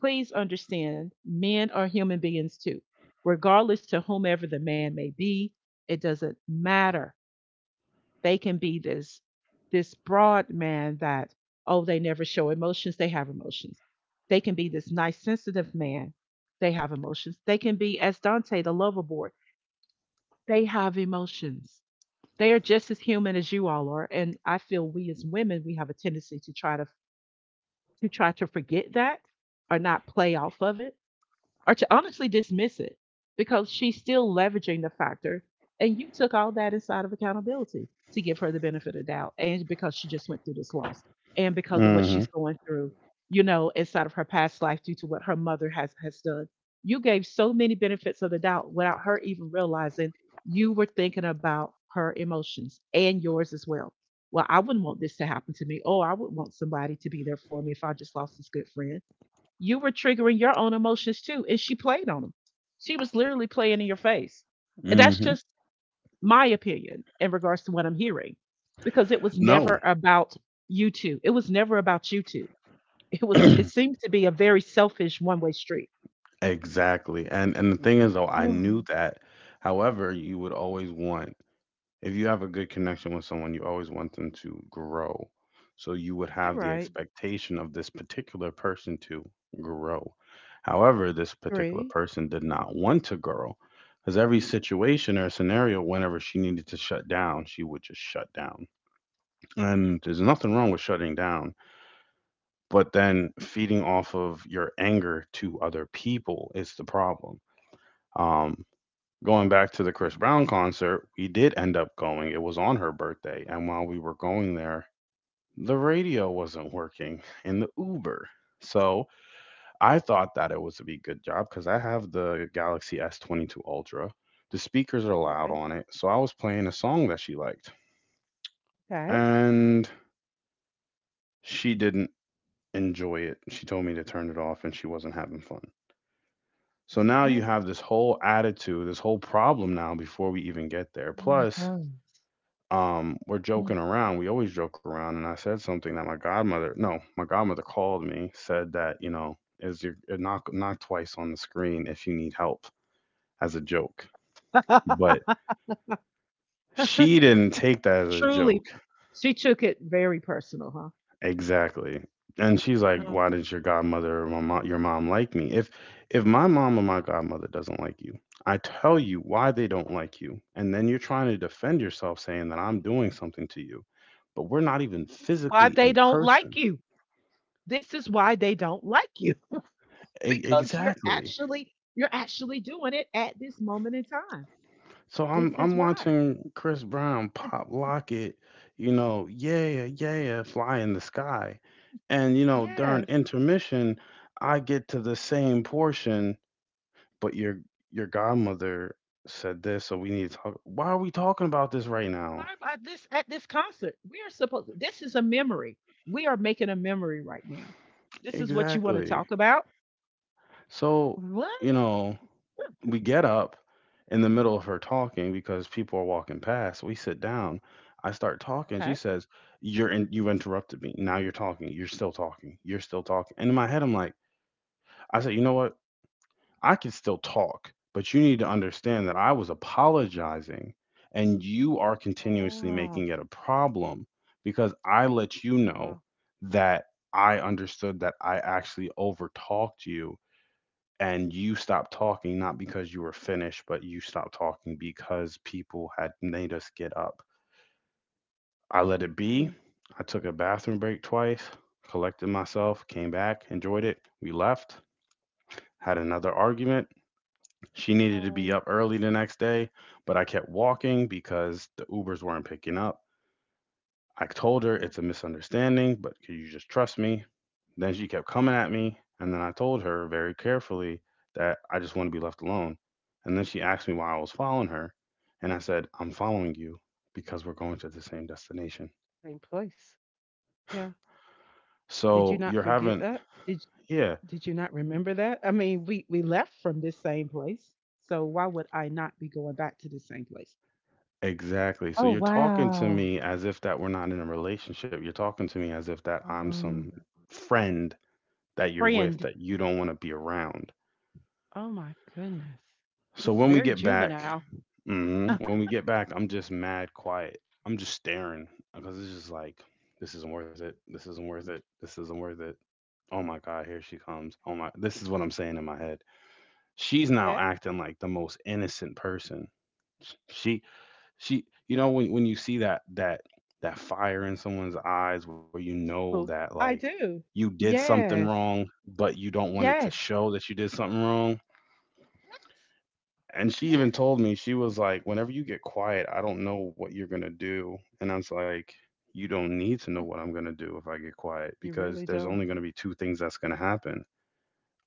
Speaker 2: please understand men are human beings too regardless to whomever the man may be it doesn't matter they can be this this broad man that oh they never show emotions they have emotions they can be this nice sensitive man they have emotions they can be as Dante the lover boy they have emotions they are just as human as you all are, and I feel we as women we have a tendency to try to forget that or not play off of it or to honestly dismiss it because she's still leveraging the factor and you took all that inside of accountability to give her the benefit of doubt and because she just went through this loss and because of what she's
Speaker 1: Mhm.
Speaker 2: going through you know inside of her past life due to what her mother has done you gave so many benefits of the doubt without her even realizing you were thinking about her emotions and yours as well well I wouldn't want this to happen to me oh I would want somebody to be there for me if I just lost this good friend you were triggering your own emotions too. And she played on them. She was literally playing in your face. And That's
Speaker 1: Mhm.
Speaker 2: just my opinion in regards to what I'm hearing, because it was
Speaker 1: No.
Speaker 2: never about you two. It was never about you two. It was, it seems to be a very selfish one way street.
Speaker 1: Exactly. And the thing is, though, I
Speaker 2: Oh,
Speaker 1: knew that. However, you would always want, if you have a good connection with someone, you always want them to grow. So you would
Speaker 2: You're
Speaker 1: have the
Speaker 2: right.
Speaker 1: expectation of this particular person to grow. However, this particular
Speaker 2: Agree.
Speaker 1: person did not want to grow. Because every situation or scenario, whenever she needed to shut down, she would just shut down. And there's nothing wrong with shutting down, but then feeding off of your anger to other people is the problem. Um, Going back
Speaker 2: I
Speaker 1: to the Chris
Speaker 2: agree.
Speaker 1: Brown concert, we did end up going. It was on her birthday, and while we were going there, the radio wasn't working in the Uber. So I thought that it was a be good job because I have the Galaxy S22 Ultra. The speakers are loud
Speaker 2: Okay.
Speaker 1: on it, so I was playing a song that she liked,
Speaker 2: Okay.
Speaker 1: and she didn't enjoy it. She told me to turn it off, and she wasn't having fun. So now you
Speaker 2: What?
Speaker 1: have this whole attitude, this whole problem now before we even get there. Plus,
Speaker 2: Oh
Speaker 1: we're joking around. We always joke around. And I said something that my godmother, no, my godmother called me, said that, is your knock knock twice on the screen if you need help, as a joke.
Speaker 2: my
Speaker 1: But
Speaker 2: God. Mm.
Speaker 1: she didn't take that as a joke.
Speaker 2: Truly, she took it very personal,
Speaker 1: Exactly. And she's
Speaker 2: huh?
Speaker 1: like, "Why didn't your godmother or my mom, your mom like me?" If my mom or my godmother doesn't like you, I tell you why they don't like you, and then you're trying to defend yourself saying that I'm doing something to you, but we're not even
Speaker 2: Why
Speaker 1: physically
Speaker 2: they
Speaker 1: in
Speaker 2: don't like
Speaker 1: person.
Speaker 2: you? This is why they don't like you because you're
Speaker 1: Exactly.
Speaker 2: actually you're actually doing it at this moment in time.
Speaker 1: So
Speaker 2: This
Speaker 1: I'm
Speaker 2: is
Speaker 1: I'm
Speaker 2: why.
Speaker 1: watching Chris Brown pop lock it, you know, yeah, yeah, fly in the sky. And you know, during
Speaker 2: Yes.
Speaker 1: intermission, I get to the same portion, but your godmother said this, so we need to talk. Why are we talking about this right now?
Speaker 2: Learn by this at this concert. We are supposed this is a memory. We are making a memory right now. This is what you want to
Speaker 1: Exactly.
Speaker 2: talk about?
Speaker 1: So, you
Speaker 2: What?
Speaker 1: know, we get up in the middle of her talking because people are walking past. We sit down. I start talking.
Speaker 2: Okay.
Speaker 1: She says, "You're in, you interrupted me. Now you're talking. You're still talking. You're still talking." And in my head, I'm like, I said, "You know what? I can still talk, but you need to understand that I was apologizing and you are
Speaker 2: Oh
Speaker 1: continuously
Speaker 2: wow.
Speaker 1: making it a problem because I let you
Speaker 2: Oh,
Speaker 1: know
Speaker 2: wow.
Speaker 1: that I understood that I actually overtalked you, and you stopped talking not because you were finished, but you stopped talking because people had made us get up. I let it
Speaker 2: Hmm.
Speaker 1: be. I took a bathroom break twice, collected myself, came back, enjoyed it." We left, had another argument. She needed to be
Speaker 2: No.
Speaker 1: up early the next day, but I kept walking because the Ubers weren't picking up. I told her
Speaker 2: Hmm.
Speaker 1: it's a misunderstanding, but could you just trust me? Then she kept coming at me, and then I told her very carefully that I just want to be left alone. And then she asked me why I was following her, and I said, I'm following you because we're going to the same destination.
Speaker 2: Same place. Yeah. Did you
Speaker 1: So
Speaker 2: not
Speaker 1: you're
Speaker 2: forget
Speaker 1: having,
Speaker 2: that?
Speaker 1: yeah,
Speaker 2: Did you not remember that? I mean, we left from this same place, so why would I not be going back to the same place?
Speaker 1: exactly. So
Speaker 2: Oh,
Speaker 1: you're talking to
Speaker 2: wow.
Speaker 1: me as if that we're not in a relationship. You're talking to me as if that
Speaker 2: Oh,
Speaker 1: I'm
Speaker 2: wow.
Speaker 1: some friend that you're with
Speaker 2: Friend.
Speaker 1: that you don't want to be around.
Speaker 2: Oh my goodness.
Speaker 1: So
Speaker 2: That's
Speaker 1: when we
Speaker 2: very
Speaker 1: get back,
Speaker 2: juvenile.
Speaker 1: mhm, when we get back, I'm just mad quiet. I'm just staring because it's just like, this isn't worth it. This isn't worth it. This isn't worth it. Oh my god, here she comes. Oh my, this is what I'm saying in my head. She's now
Speaker 2: Yeah,
Speaker 1: acting like the most innocent person. She she you know, when you see that that fire in someone's eyes where you
Speaker 2: I
Speaker 1: know
Speaker 2: do.
Speaker 1: that like
Speaker 2: I do.
Speaker 1: you did something
Speaker 2: Yes.
Speaker 1: wrong, but you don't want it to
Speaker 2: Yes.
Speaker 1: show that you did something wrong.
Speaker 2: Yes.
Speaker 1: And she even
Speaker 2: Yes.
Speaker 1: told me, she was like, "Whenever you get quiet, I don't know what you're going to do." And I was like, you don't need to know
Speaker 2: Mm,
Speaker 1: what I'm going to do if I get quiet,
Speaker 2: You
Speaker 1: because
Speaker 2: really
Speaker 1: there's
Speaker 2: don't.
Speaker 1: only going to be two things that's going to happen.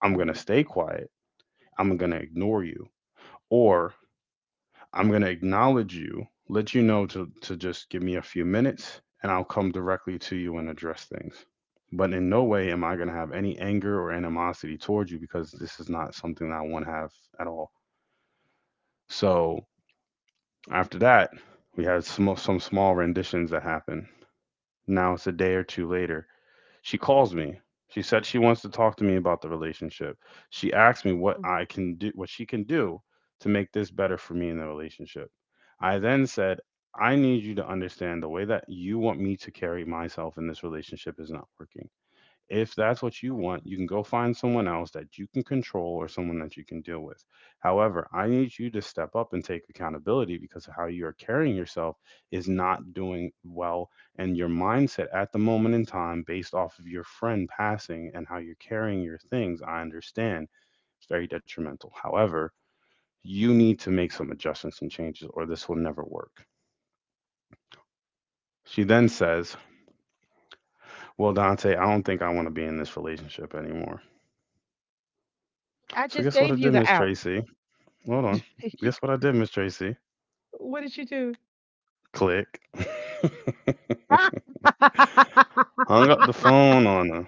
Speaker 1: I'm going
Speaker 2: Yeah.
Speaker 1: to stay quiet. I'm going to ignore you, or I'm going to acknowledge you, let you know to just give me a few minutes and I'll come directly to you and address things. But in no way am I going to have any anger or animosity towards you because this is not something that I want to have at all. So after that, we had some small renditions that happened. Now it's a day or two later. She calls me. She said she wants to talk to me about the relationship. She asked me what
Speaker 2: Mm, mm.
Speaker 1: I can do, what she can do to make this better for me in the relationship. I then said, I need you to understand the way that you want me to carry myself in this relationship is not working. If that's what you want, you can go find someone else that you can control or someone that you can deal with. However, I need you to step up and take accountability, because of how you are carrying yourself is not doing well. And your mindset at the moment in time, based off of your friend passing and how you're carrying your things, I understand it's very detrimental. However, you need to make some adjustments and changes, or this will never work. She then says, "Well, Dante, I don't think I want to be in this relationship anymore."
Speaker 2: I
Speaker 1: So,
Speaker 2: just
Speaker 1: guess what
Speaker 2: gave
Speaker 1: I
Speaker 2: you
Speaker 1: did,
Speaker 2: the
Speaker 1: Miss
Speaker 2: out.
Speaker 1: Tracy? Hold on.
Speaker 2: If you
Speaker 1: Guess what I did, Miss Tracy?
Speaker 2: what did you do?
Speaker 1: Click. Hung up the phone on her.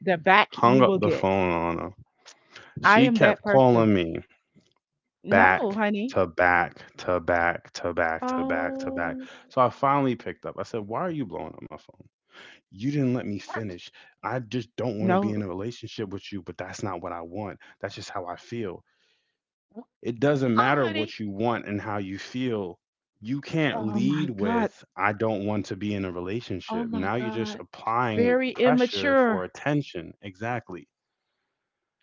Speaker 2: The back you
Speaker 1: Hung up
Speaker 2: will
Speaker 1: the
Speaker 2: get.
Speaker 1: phone on her.
Speaker 2: I
Speaker 1: She
Speaker 2: am that
Speaker 1: kept
Speaker 2: person.
Speaker 1: calling me
Speaker 2: No,
Speaker 1: back
Speaker 2: honey.
Speaker 1: to back to back to back to back to back.
Speaker 2: Oh,
Speaker 1: So I finally picked up. I said, "Why are you blowing up my phone?" You didn't let me finish. I just don't want to be in
Speaker 2: no.
Speaker 1: a relationship with you, but that's not what I want. That's just how I feel. It doesn't
Speaker 2: Oh,
Speaker 1: matter
Speaker 2: honey.
Speaker 1: what you want and how you feel. You can't
Speaker 2: Oh
Speaker 1: lead
Speaker 2: my God.
Speaker 1: with, I don't want to be in a
Speaker 2: Oh
Speaker 1: relationship.
Speaker 2: my
Speaker 1: Now you're just
Speaker 2: God.
Speaker 1: applying
Speaker 2: Very
Speaker 1: pressure for
Speaker 2: immature.
Speaker 1: attention. Exactly.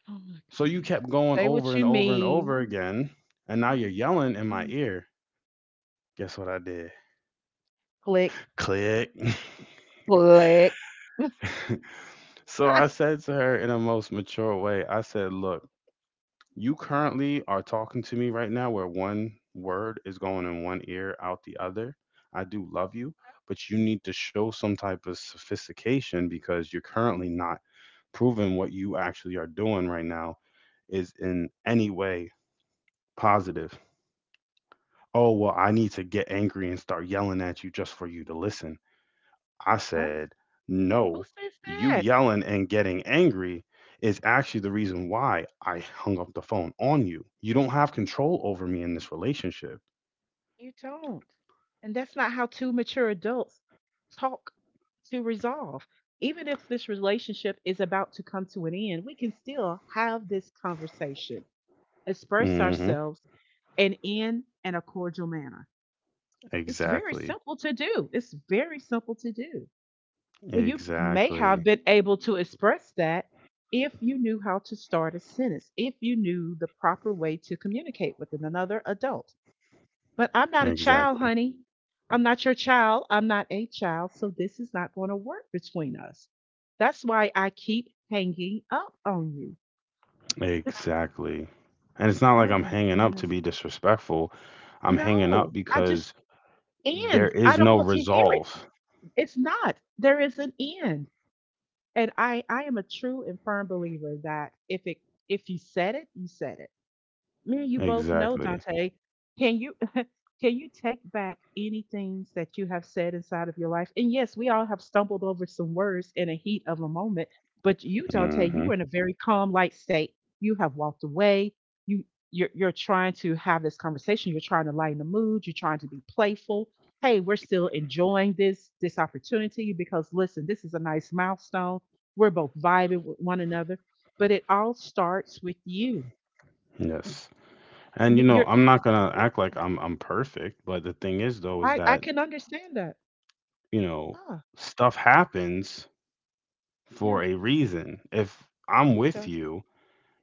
Speaker 2: Oh my
Speaker 1: So you
Speaker 2: goodness.
Speaker 1: kept going
Speaker 2: Say
Speaker 1: over
Speaker 2: what you
Speaker 1: and over and over
Speaker 2: mean.
Speaker 1: again. And now you're yelling in
Speaker 2: Oh
Speaker 1: my
Speaker 2: my,
Speaker 1: ear. Guess what I did?
Speaker 2: click,
Speaker 1: Click.
Speaker 2: click.
Speaker 1: So I said to her in a most mature way, I said, Look, you currently are talking to me right now where one word is going in one ear, out the other. I do love you, but you need to show some type of sophistication because you're currently not proving what you actually are doing right now is in any way positive. Oh, well, I need to get angry and start yelling at you just for you to listen. I
Speaker 2: what?
Speaker 1: said,
Speaker 2: Who
Speaker 1: no,
Speaker 2: says
Speaker 1: you
Speaker 2: that?
Speaker 1: yelling and getting angry is actually the reason why I hung up the phone on you. You don't have control over me in this relationship.
Speaker 2: You don't. And that's not how two mature adults talk to resolve. Even if this relationship is about to come to an end, we can still have this conversation. Express
Speaker 1: Hmm.
Speaker 2: ourselves, and in and a cordial manner. It's very
Speaker 1: Exactly.
Speaker 2: simple to do. It's very simple to do. And you may have
Speaker 1: Exactly.
Speaker 2: been able to express that if you knew how to start a sentence, if you knew the proper way to communicate with another adult. But I'm not a child,
Speaker 1: Exactly.
Speaker 2: honey. I'm not your child. I'm not a child. So this is not going to work between us. That's why I keep hanging up on you.
Speaker 1: Exactly. And it's not like
Speaker 2: Oh
Speaker 1: I'm
Speaker 2: my
Speaker 1: hanging up to
Speaker 2: goodness.
Speaker 1: be disrespectful. I'm hanging up
Speaker 2: No, I just
Speaker 1: because there
Speaker 2: end. I
Speaker 1: is
Speaker 2: don't
Speaker 1: no
Speaker 2: want to hear it.
Speaker 1: resolve.
Speaker 2: It's not. There is an end. And I am a true and firm believer that if it if you said it, you said it me and you both know,
Speaker 1: Exactly.
Speaker 2: Dante, can you can you take back any things that you have said inside of your life? And yes, we all have stumbled over some words in a heat of a moment, but you, Dante, you
Speaker 1: Hmm.
Speaker 2: were in a very calm, light state. You have walked away. You you're trying to have this conversation. You're trying to lighten the mood. You're trying to be playful. Hey, we're still enjoying this opportunity because listen, this is a nice milestone. We're both vibing with one another, but it all starts with you
Speaker 1: Yes. And
Speaker 2: you you're y
Speaker 1: I'm not gonna act like I'm perfect, but the thing is though is
Speaker 2: I
Speaker 1: that,
Speaker 2: can understand that.
Speaker 1: you know,
Speaker 2: Ah,
Speaker 1: stuff happens
Speaker 2: yeah,
Speaker 1: for a reason. If I'm
Speaker 2: it
Speaker 1: with
Speaker 2: does.
Speaker 1: you,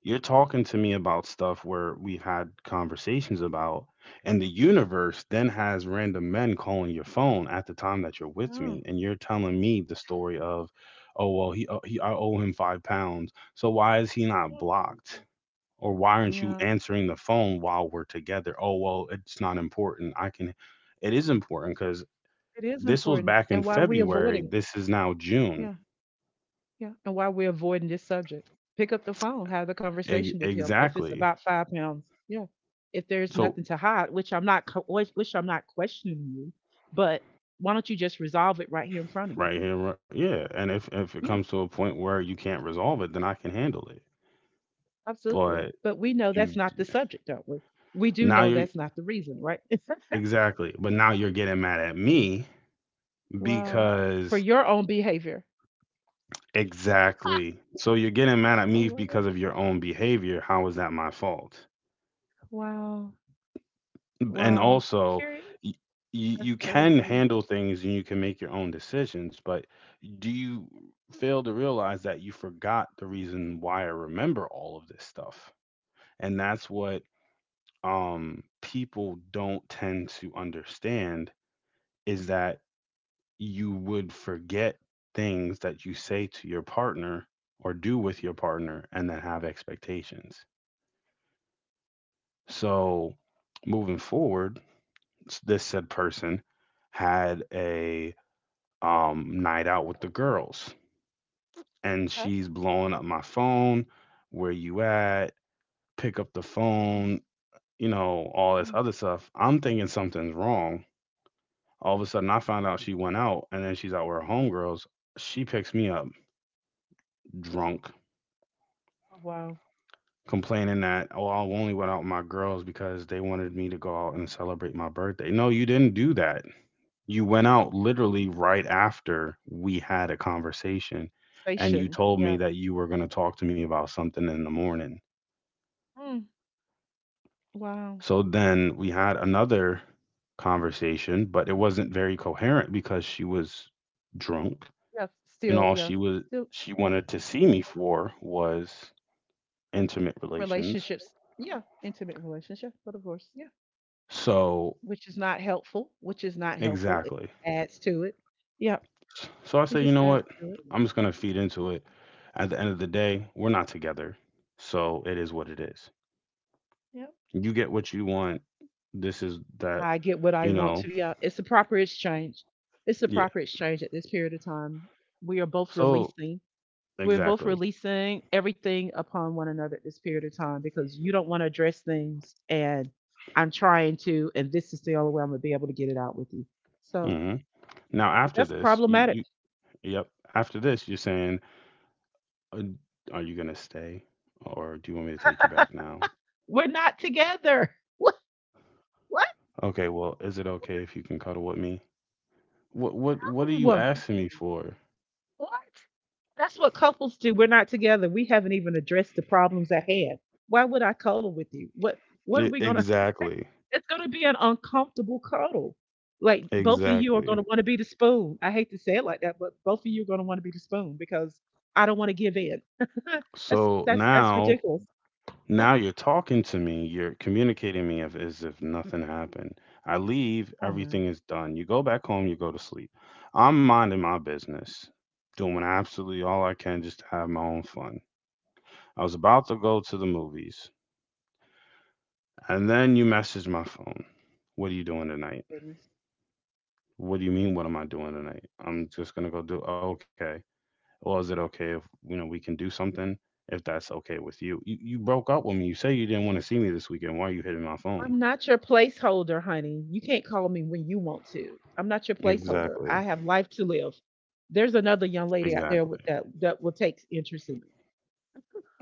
Speaker 1: you're talking to me about stuff where we've had conversations about, and the universe then has random men calling your phone at the time that you're with
Speaker 2: Yeah.
Speaker 1: me, and you're telling me the story of, oh well, he I owe him £5, so why is he not
Speaker 2: Yeah.
Speaker 1: blocked? Or why aren't you
Speaker 2: Yeah,
Speaker 1: answering the phone while we're together? Oh well, it's not important. I can, it is important because
Speaker 2: it is
Speaker 1: this was
Speaker 2: important.
Speaker 1: back in
Speaker 2: And why we
Speaker 1: February.
Speaker 2: avoiding
Speaker 1: This is now June.
Speaker 2: yeah, yeah, and why we're avoiding this subject. Pick up the phone, have the
Speaker 1: E-
Speaker 2: conversation with him if it's
Speaker 1: exactly.
Speaker 2: about £5. Yeah. If there's
Speaker 1: So
Speaker 2: nothing to hide, which I'm not questioning you, but why don't you just resolve it right here in front of me?
Speaker 1: right here, right, yeah. And if it
Speaker 2: Yeah,
Speaker 1: comes to a point where you can't resolve it, then I can handle it.
Speaker 2: absolutely.
Speaker 1: But
Speaker 2: But we know that's
Speaker 1: you—
Speaker 2: not the subject, don't we? We do
Speaker 1: now
Speaker 2: know
Speaker 1: you're—
Speaker 2: that's not the reason, right?
Speaker 1: exactly. But now you're getting mad at me
Speaker 2: Wow. For
Speaker 1: because—
Speaker 2: your own behavior.
Speaker 1: exactly. So you're getting mad at
Speaker 2: Oh
Speaker 1: me
Speaker 2: my God.
Speaker 1: because of your own behavior. How is that my fault?
Speaker 2: Wow.
Speaker 1: And
Speaker 2: Wow.
Speaker 1: also
Speaker 2: Serious?
Speaker 1: you
Speaker 2: That's
Speaker 1: you can
Speaker 2: crazy.
Speaker 1: handle things and you can make your own decisions, but do you fail to realize that you forgot the reason why I remember all of this stuff? And that's what people don't tend to understand is that you would forget things that you say to your partner or do with your partner and then have expectations. So moving forward, this said person had a night out with the girls. And
Speaker 2: Okay.
Speaker 1: she's blowing up my phone. Where you at? Pick up the
Speaker 2: Mm.
Speaker 1: phone, all this
Speaker 2: Mm.
Speaker 1: other stuff. I'm thinking something's wrong. All of a sudden, I found out she went out and then she's out with her homegirls. She picks me up drunk,
Speaker 2: Oh, wow.
Speaker 1: complaining that, oh, I only went out with my girls because they wanted me to go out and celebrate my birthday. No, you didn't do that. You went out
Speaker 2: No.
Speaker 1: literally right after we had a conversation and you
Speaker 2: Station.
Speaker 1: told me
Speaker 2: Yeah.
Speaker 1: that you were going to talk to me about something in the morning.
Speaker 2: Mm. Wow.
Speaker 1: So then we had another conversation, but it wasn't very coherent because she was drunk,
Speaker 2: Yes.
Speaker 1: and
Speaker 2: Still,
Speaker 1: all
Speaker 2: yes.
Speaker 1: she was
Speaker 2: Still
Speaker 1: she
Speaker 2: s-
Speaker 1: wanted to see me for was intimate relations.
Speaker 2: Relationships. Yeah. Intimate relationship, but of course. Yeah.
Speaker 1: So
Speaker 2: Which is not helpful. Which is not helpful. It
Speaker 1: exactly.
Speaker 2: adds to it. Yeah.
Speaker 1: So I
Speaker 2: It
Speaker 1: said, you
Speaker 2: just
Speaker 1: know
Speaker 2: adds
Speaker 1: what?
Speaker 2: to it.
Speaker 1: I'm just going to feed into it. At the end of the day, we're not together. So it is what it is.
Speaker 2: Yeah.
Speaker 1: You get what you
Speaker 2: That's
Speaker 1: want. This is that,
Speaker 2: how I get what I
Speaker 1: you
Speaker 2: want
Speaker 1: know.
Speaker 2: to. Yeah. It's a proper exchange. It's a
Speaker 1: Yeah.
Speaker 2: proper exchange at this period of time. We are both
Speaker 1: So
Speaker 2: releasing. We're both
Speaker 1: exactly.
Speaker 2: releasing everything upon one another at this period of time because you don't want to address things and I'm trying to, and this is the only way I'm going to be able to get it out with you. So
Speaker 1: Hmm. Now after
Speaker 2: that's
Speaker 1: this, you—
Speaker 2: problematic.
Speaker 1: you— yep. After this, you're saying, uh, are you gonna stay, or do you want me to take you back now?
Speaker 2: We're not together. What?
Speaker 1: Okay. Well, is it okay if you can cuddle with me? What are you
Speaker 2: What?
Speaker 1: asking me
Speaker 2: No.
Speaker 1: for?
Speaker 2: What? That's what couples do. We're not together. We haven't even addressed the problems at hand. Why would I cuddle with you? What are
Speaker 1: E-
Speaker 2: we gonna
Speaker 1: Exactly.
Speaker 2: it's gonna be an uncomfortable cuddle. Like both of you are
Speaker 1: Exactly.
Speaker 2: gonna want to be the spoon. I hate to say it like that, but both of you are gonna want to be the spoon because I don't want to give in. that's
Speaker 1: So
Speaker 2: that's that's
Speaker 1: now,
Speaker 2: ridiculous.
Speaker 1: now you're talking to me, you're communicating me as if nothing happened. I leave,
Speaker 2: Oh no,
Speaker 1: everything is done. You go back home, you go to sleep. I'm minding my business, doing absolutely all I can just to have my own fun. I was about to go to the movies, and then you message my phone. What are you doing tonight?
Speaker 2: goodness.
Speaker 1: What do you mean, what am I doing tonight? I'm just gonna go do okay. Well, is it okay if you know we can do something if that's okay with you? You broke up with me. You say you didn't want to see me this weekend. Why are you hitting my phone?
Speaker 2: I'm not your placeholder, honey. You can't call me when you want to. I'm not your placeholder. I
Speaker 1: Exactly.
Speaker 2: have life to live. There's another young lady out there
Speaker 1: Exactly.
Speaker 2: that will take interest in me.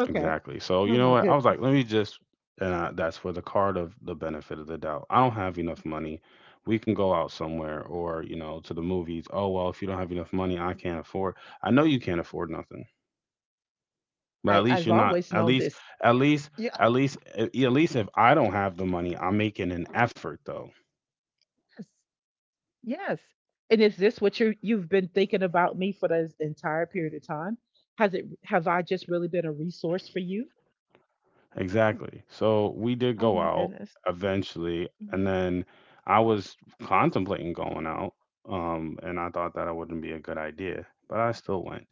Speaker 2: Okay.
Speaker 1: So you
Speaker 2: Oh
Speaker 1: know
Speaker 2: my
Speaker 1: what? I was
Speaker 2: goodness.
Speaker 1: like, let me just, and I, that's for the card of the benefit of the doubt. I don't have enough money. We can go out somewhere or, to the movies. Oh, well, if you don't have enough money, I can't afford. I know you can't afford nothing, but at
Speaker 2: I,
Speaker 1: least
Speaker 2: I've
Speaker 1: you're not,
Speaker 2: always
Speaker 1: at
Speaker 2: known
Speaker 1: least,
Speaker 2: this.
Speaker 1: at least,
Speaker 2: Yeah.
Speaker 1: at least, at least if I don't have the money, I'm making an effort though.
Speaker 2: Yes. Yes. And is this what you've been thinking about me for this entire period of time? Has it have I just really been a resource for you?
Speaker 1: Exactly. So we did
Speaker 2: Oh
Speaker 1: go
Speaker 2: my
Speaker 1: out
Speaker 2: goodness.
Speaker 1: eventually, and
Speaker 2: Mm.
Speaker 1: then I was contemplating going out, and I thought that it wouldn't be a good idea, but I still went.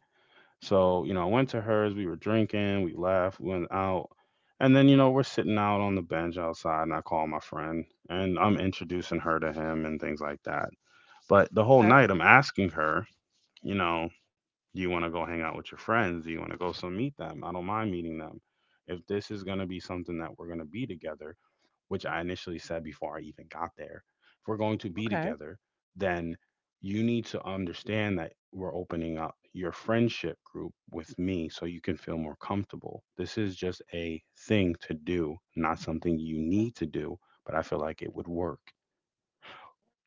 Speaker 1: So, I went to hers, we were drinking, we left, we went out, and then, we're sitting out on the bench outside, and I call my friend, and I'm introducing her to him and things like that. But the whole
Speaker 2: Okay.
Speaker 1: night, I'm asking her, you know, do you want to go hang out with your friends? Do you want to go so meet them? I don't mind meeting them. If this is going to be something that we're going to be together, which I initially said before I even got there, if we're going to be
Speaker 2: Okay.
Speaker 1: together, then you need to understand that we're opening up your friendship group with me so you can feel more comfortable. This is just a thing to do, not something you need to do, but I feel like it would work.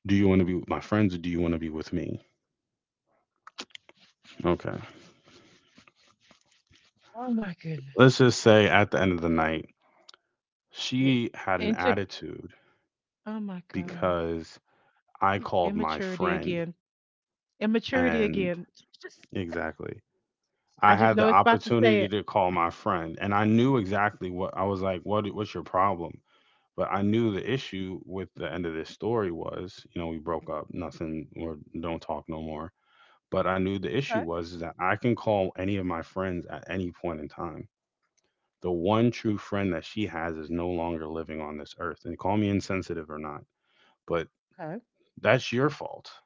Speaker 1: Do you want to be with my friends or do you want to be with me? Okay.
Speaker 2: Oh my
Speaker 1: Let's
Speaker 2: goodness.
Speaker 1: just say at the end of the night,
Speaker 2: Wait.
Speaker 1: she had an
Speaker 2: And to
Speaker 1: attitude
Speaker 2: Oh my God.
Speaker 1: because I called my
Speaker 2: Immaturity
Speaker 1: friend
Speaker 2: again. Immaturity
Speaker 1: and—
Speaker 2: again. Just
Speaker 1: exactly.
Speaker 2: I
Speaker 1: I
Speaker 2: just
Speaker 1: had
Speaker 2: know
Speaker 1: the
Speaker 2: it's about to say
Speaker 1: opportunity
Speaker 2: it.
Speaker 1: to call my friend and I knew exactly what I was like, what's your problem? But I knew the issue with the end of this story was, we broke up, nothing or don't talk no more. But I knew the issue
Speaker 2: Okay.
Speaker 1: was is that I can call any of my friends at any point in time. The one true friend that she has is no longer living on this earth. And call me insensitive or not, but
Speaker 2: Okay.
Speaker 1: that's your fault.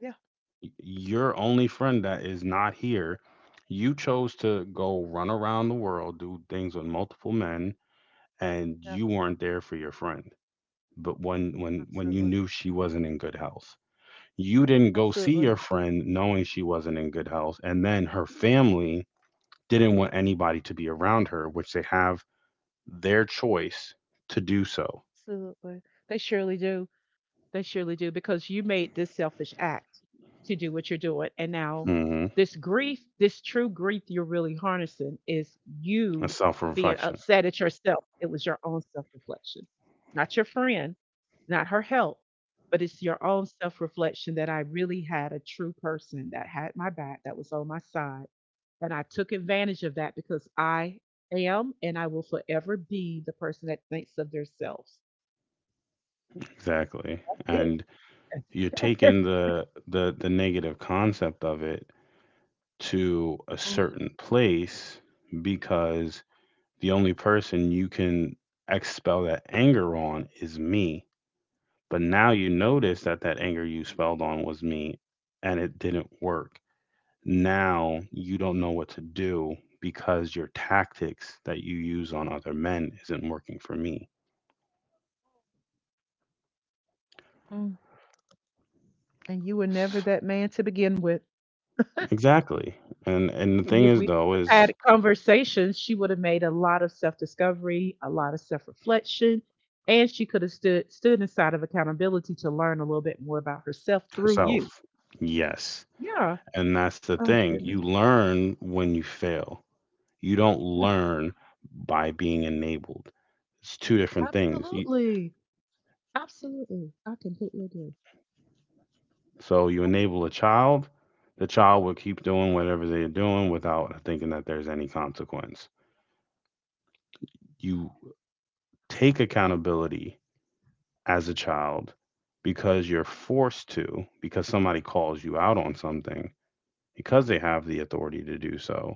Speaker 2: Yeah.
Speaker 1: Your only friend that is not here. You chose to go run around the world, do things with multiple men, and
Speaker 2: Yeah.
Speaker 1: you weren't there for your friend. But when you
Speaker 2: Absolutely.
Speaker 1: knew she wasn't in good health, you didn't go see
Speaker 2: Absolutely.
Speaker 1: your friend knowing she wasn't in good health, and then her family didn't want anybody to be around her, which they have their choice to do so.
Speaker 2: Absolutely. They surely do. They surely do because you made this selfish act to do what you're doing. And now
Speaker 1: Hmm.
Speaker 2: this grief, this true grief you're really harnessing is
Speaker 1: A
Speaker 2: you
Speaker 1: self
Speaker 2: being
Speaker 1: reflection,
Speaker 2: upset at yourself. It was your own self reflection, not your friend, not her help, but it's your own self reflection that I really had a true person that had my back, that was on my side. And I took advantage of that because I am and I will forever be the person that thinks of themselves.
Speaker 1: exactly, and you're
Speaker 2: That's it.
Speaker 1: taking the negative concept of it to a certain place because the only person you can expel that anger on is me, but now you notice that that anger you spelled on was me and it didn't work. Now you don't know what to do because your tactics that you use on other men isn't working for me.
Speaker 2: And you were never that man to begin with.
Speaker 1: Exactly. And the
Speaker 2: And
Speaker 1: thing
Speaker 2: if
Speaker 1: is
Speaker 2: we
Speaker 1: though
Speaker 2: have
Speaker 1: is
Speaker 2: had conversations, she would have made a lot of self-discovery, a lot of self-reflection, and she could have stood inside of accountability to learn a little bit more about herself through you.
Speaker 1: herself, yes.
Speaker 2: Yeah.
Speaker 1: And that's the
Speaker 2: Oh
Speaker 1: thing.
Speaker 2: goodness.
Speaker 1: You learn when you fail. You don't
Speaker 2: Yes.
Speaker 1: learn by being enabled. It's two different things. You,
Speaker 2: Absolutely. Absolutely. I completely agree.
Speaker 1: so you enable a child, the child will keep doing whatever they're doing without thinking that there's any consequence. You take accountability as a child because you're forced to, because somebody calls you out on something, because they have the authority to do so.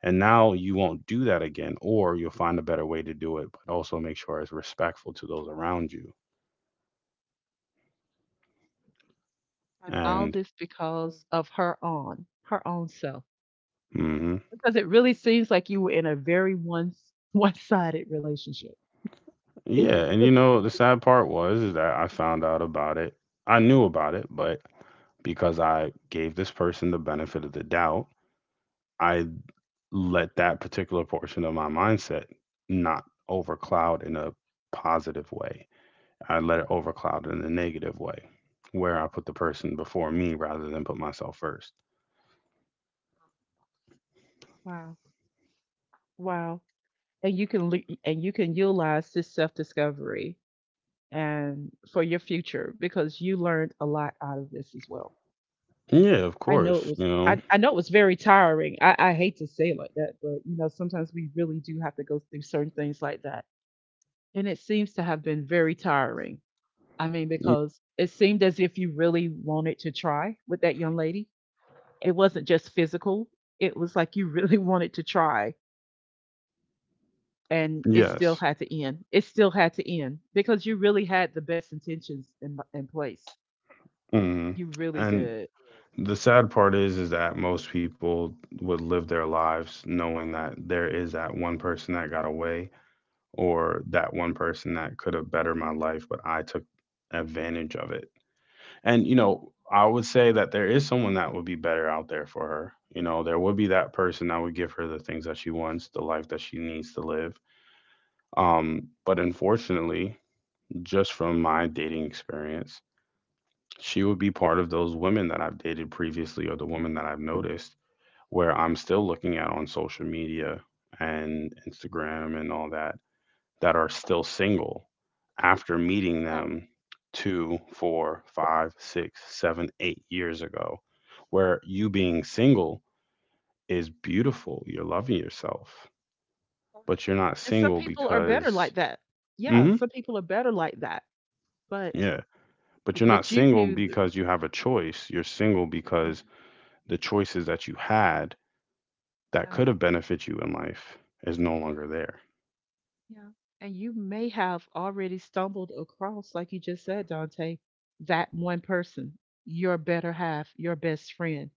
Speaker 1: And now you won't do that again, or you'll find a better way to do it, but also make sure it's respectful to those around you.
Speaker 2: And all
Speaker 1: And
Speaker 2: this because of her own self.
Speaker 1: hmm
Speaker 2: Because it really seems like you were in a very one sided relationship. It, re-
Speaker 1: yeah, and the sad part was is that I found out about it. I knew about it, but because I gave this person the benefit of the doubt, I let that particular portion of my mindset not overcloud in a positive way. I let it overcloud in a negative way, where I put the person before me rather than put myself first.
Speaker 2: Wow. Wow. And you can utilize this self-discovery and for your future because you learned a lot out of this as well.
Speaker 1: Yeah, of
Speaker 2: i know it
Speaker 1: course,
Speaker 2: was
Speaker 1: you
Speaker 2: i,
Speaker 1: know.
Speaker 2: I know it was very tiring. I hate to say it like that, but sometimes we really do have to go through certain things like that, and it seems to have been very tiring. I mean,
Speaker 1: Mm,
Speaker 2: because it seemed as if you really wanted to try with that young lady. It wasn't just physical. It was like you really wanted to try, and it still
Speaker 1: yes.
Speaker 2: had to end. It still had to end because you really had the best intentions in place.
Speaker 1: Mhm.
Speaker 2: You really
Speaker 1: And
Speaker 2: did.
Speaker 1: the sad part is that most people would live their lives knowing that there is that one person that got away or that one person that could have bettered my life, but I took advantage of it. And I would say that there is someone that would be better out there for her. There would be that person that would give her the things that she wants, the life that she needs to live. But unfortunately, just from my dating experience, she would be part of those women that I've dated previously or the women that I've noticed where I'm still looking at on social media and Instagram and all that that are still single after meeting
Speaker 2: Yeah.
Speaker 1: them 2, 4, 5, 6, 7, 8 years ago, where you being single is beautiful. You're loving yourself, but you're not
Speaker 2: And some
Speaker 1: single
Speaker 2: people are better
Speaker 1: because,
Speaker 2: like that. Yeah,
Speaker 1: hmm
Speaker 2: some people are better like that. But
Speaker 1: yeah, but you're not
Speaker 2: but
Speaker 1: single because you have a choice. You're single
Speaker 2: yeah,
Speaker 1: because the choices that you had that
Speaker 2: yeah,
Speaker 1: could have benefit you in life is no longer there.
Speaker 2: yeah. And you may have already stumbled across, like you just said, Dante, that one person, your better half, your best friend.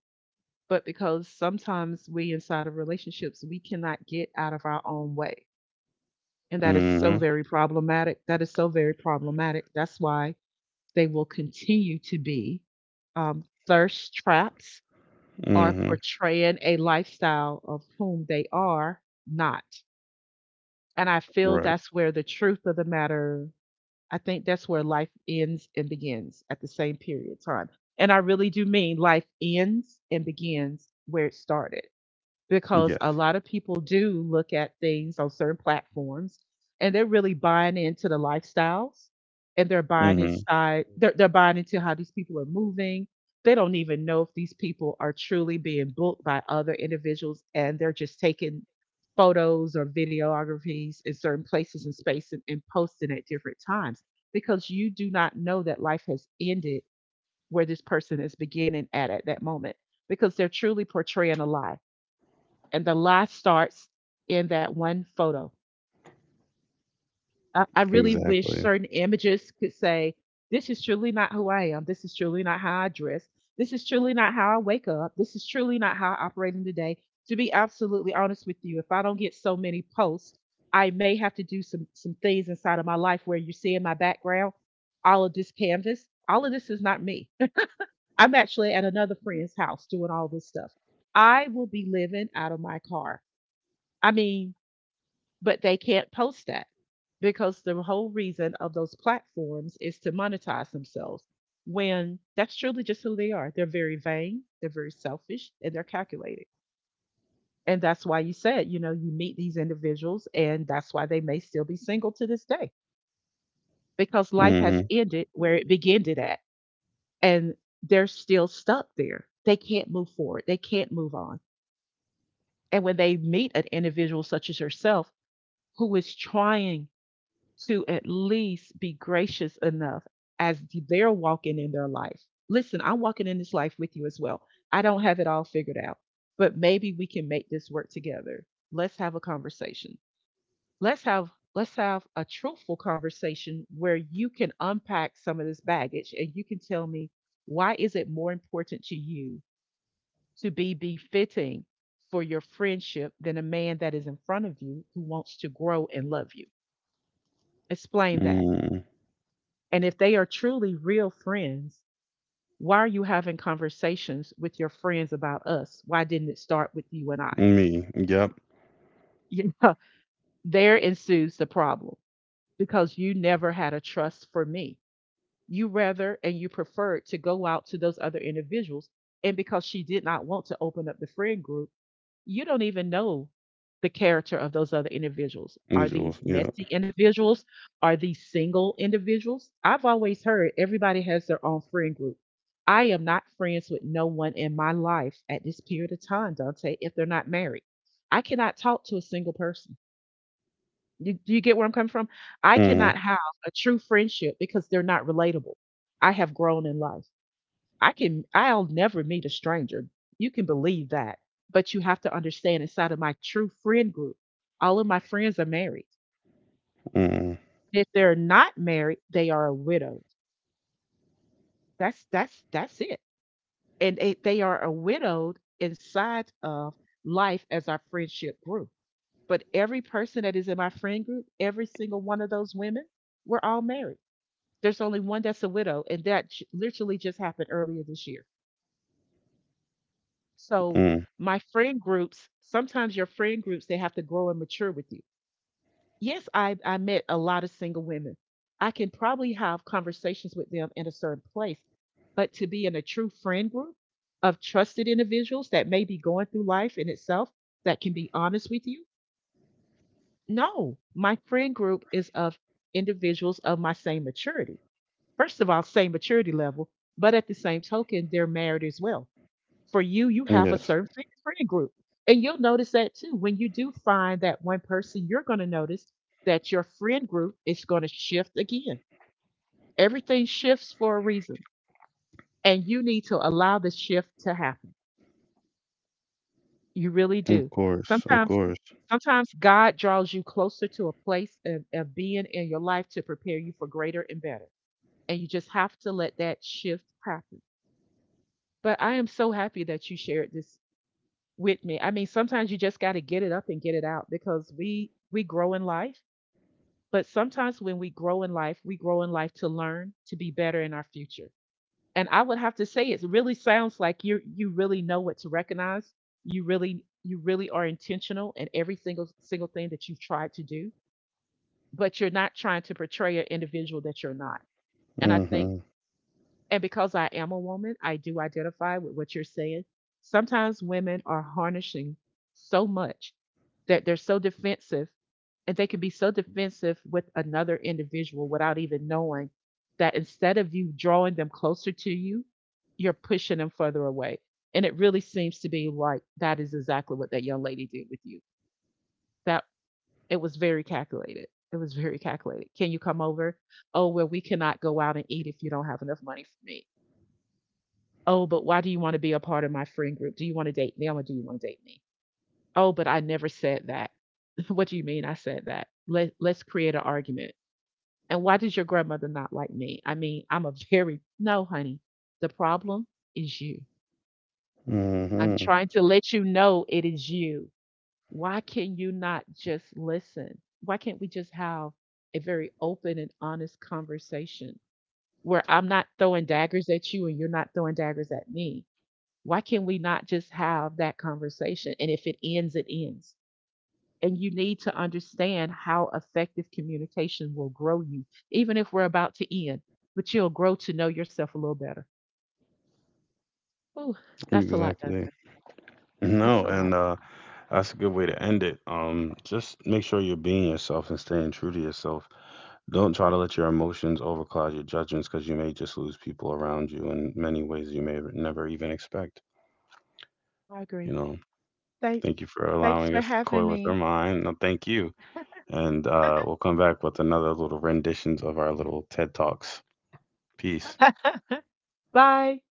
Speaker 2: But because sometimes we inside of relationships, we cannot get out of our own way. And that is so
Speaker 1: Mhm.
Speaker 2: very problematic. That is so very problematic. That's why they will continue to be thirst traps or
Speaker 1: Mhm.
Speaker 2: portraying a lifestyle of whom they are not. And I feel
Speaker 1: Right.
Speaker 2: that's where the truth of the matter, I think that's where life ends and begins at the same period of time. And I really do mean life ends and begins where it started, because a
Speaker 1: Yes.
Speaker 2: lot of people do look at things on certain platforms and they're really buying into the lifestyles, and they're buying
Speaker 1: Mhm.
Speaker 2: they're buying into how these people are moving. They don't even know if these people are truly being booked by other individuals, and they're just taking photos or videographies in certain places and space, and posting at different times, because you do not know that life has ended where this person is beginning at that moment, because they're truly portraying a lie, and the lie starts in that one photo. I really wish
Speaker 1: Exactly.
Speaker 2: certain images could say, this is truly not who I am. This is truly not how I dress. This is truly not how I wake up. This is truly not how I operate in the day. To be absolutely honest with you, if I don't get so many posts, I may have to do some things inside of my life where you're seeing my background, all of this canvas. All of this is not me. I'm actually at another friend's house doing all this stuff. I will be living out of my car. I mean, but they can't post that because the whole reason of those platforms is to monetize themselves when that's truly just who they are. They're very vain, they're very selfish, and they're calculated. And that's why you said, you meet these individuals, and that's why they may still be single to this day, because life has
Speaker 1: Mhm.
Speaker 2: ended where it began it at, and they're still stuck there. They can't move forward, they can't move on. And when they meet an individual such as yourself, who is trying to at least be gracious enough as they're walking in their life. Listen, I'm walking in this life with you as well. I don't have it all figured out, but maybe we can make this work together. Let's have a conversation. Let's have let's have a truthful conversation where you can unpack some of this baggage, and you can tell me, why is it more important to you to be befitting for your friendship than a man that is in front of you who wants to grow and love you? Explain that.
Speaker 1: Mhm.
Speaker 2: And if they are truly real friends, why are you having conversations with your friends about us? Why didn't it start with you and I?
Speaker 1: Me. Yep.
Speaker 2: You know, there ensues the problem, because you never had a trust for me. You rather and you preferred to go out to those other individuals. And because she did not want to open up the friend group, you don't even know the character of those other individuals.
Speaker 1: And
Speaker 2: Are
Speaker 1: Jules.
Speaker 2: these
Speaker 1: Yep.
Speaker 2: messy individuals? Are these single individuals? I've always heard everybody has their own friend group. I am not friends with no one in my life at this period of time, Dante, if they're not married. I cannot talk to a single person. Do you get where I'm coming from? I
Speaker 1: Mhm.
Speaker 2: cannot have a true friendship because they're not relatable. I have grown in life. I'll never meet a stranger. You can believe that. But you have to understand, inside of my true friend group, all of my friends are married.
Speaker 1: Mhm.
Speaker 2: If they're not married, they are widowed. That's it. And they are a widowed inside of life as our friendship grew. But every person that is in my friend group, every single one of those women, we're all married. There's only one that's a widow, and literally just happened earlier this year. So
Speaker 1: Mm.
Speaker 2: my friend groups, sometimes your friend groups, they have to grow and mature with you. Yes, I met a lot of single women. I can probably have conversations with them in a certain place, but to be in a true friend group of trusted individuals that may be going through life in itself that can be honest with you, no, my friend group is of individuals of my same maturity. First of all, same maturity level, but at the same token, they're married as well. For you have a
Speaker 1: Yes.
Speaker 2: certain friend group. And you'll notice that too. When you do find that one person, you're going to notice that your friend group is going to shift again. Everything shifts for a reason, and you need to allow the shift to happen. You really
Speaker 1: Of
Speaker 2: do.
Speaker 1: course. Of
Speaker 2: Sometimes,
Speaker 1: course.
Speaker 2: sometimes, God draws you closer to a place of being in your life to prepare you for greater and better. And you just have to let that shift happen. But I am so happy that you shared this with me. I mean, sometimes you just got to get it up and get it out because we grow in life, but sometimes when we grow in life, we grow in life to learn to be better in our future. And I would have to say, it really sounds like you really know what to recognize. You really are intentional in every single thing that you've tried to do, but you're not trying to portray an individual that you're not. And I think
Speaker 1: Mhm.
Speaker 2: and because I am a woman, I do identify with what you're saying. Sometimes women are harnessing so much that they're so defensive, and they can be so defensive with another individual without even knowing that instead of you drawing them closer to you, you're pushing them further away. And it really seems to be like that is exactly what that young lady did with you. That it was very calculated. It was very calculated. Can you come over? Oh, well, we cannot go out and eat if you don't have enough money for me. Oh, but why do you want to be a part of my friend group? Do you want to date me? Or do you want to date me? Oh, but I never said that. What do you mean I said that? Let's create an argument. And why does your grandmother not like me? I mean, I'm a very, no, honey, the problem is you. I'm
Speaker 1: Mhm.
Speaker 2: trying to let you know it is you. Why can you not just listen? Why can't we just have a very open and honest conversation where I'm not throwing daggers at you and you're not throwing daggers at me? Why can we not just have that conversation? And if it ends, it ends. And you need to understand how effective communication will grow you, even if we're about to end, but you'll grow to know yourself a little better. Oh, that's a lot, Donovan.
Speaker 1: Exactly.
Speaker 2: That's
Speaker 1: No,
Speaker 2: a lot.
Speaker 1: and that's a good way to end it. Just make sure you're being yourself and staying true to yourself. Don't try to let your emotions overcloud your judgments because you may just lose people around you in many ways you may never even expect.
Speaker 2: I
Speaker 1: You
Speaker 2: agree.
Speaker 1: know,
Speaker 2: Thanks.
Speaker 1: thank you for
Speaker 2: Thanks
Speaker 1: allowing
Speaker 2: for
Speaker 1: us to
Speaker 2: having
Speaker 1: coy with our
Speaker 2: me.
Speaker 1: mind. No, thank you. And we'll come back with another little renditions of our little TED Talks. Peace.
Speaker 2: Bye.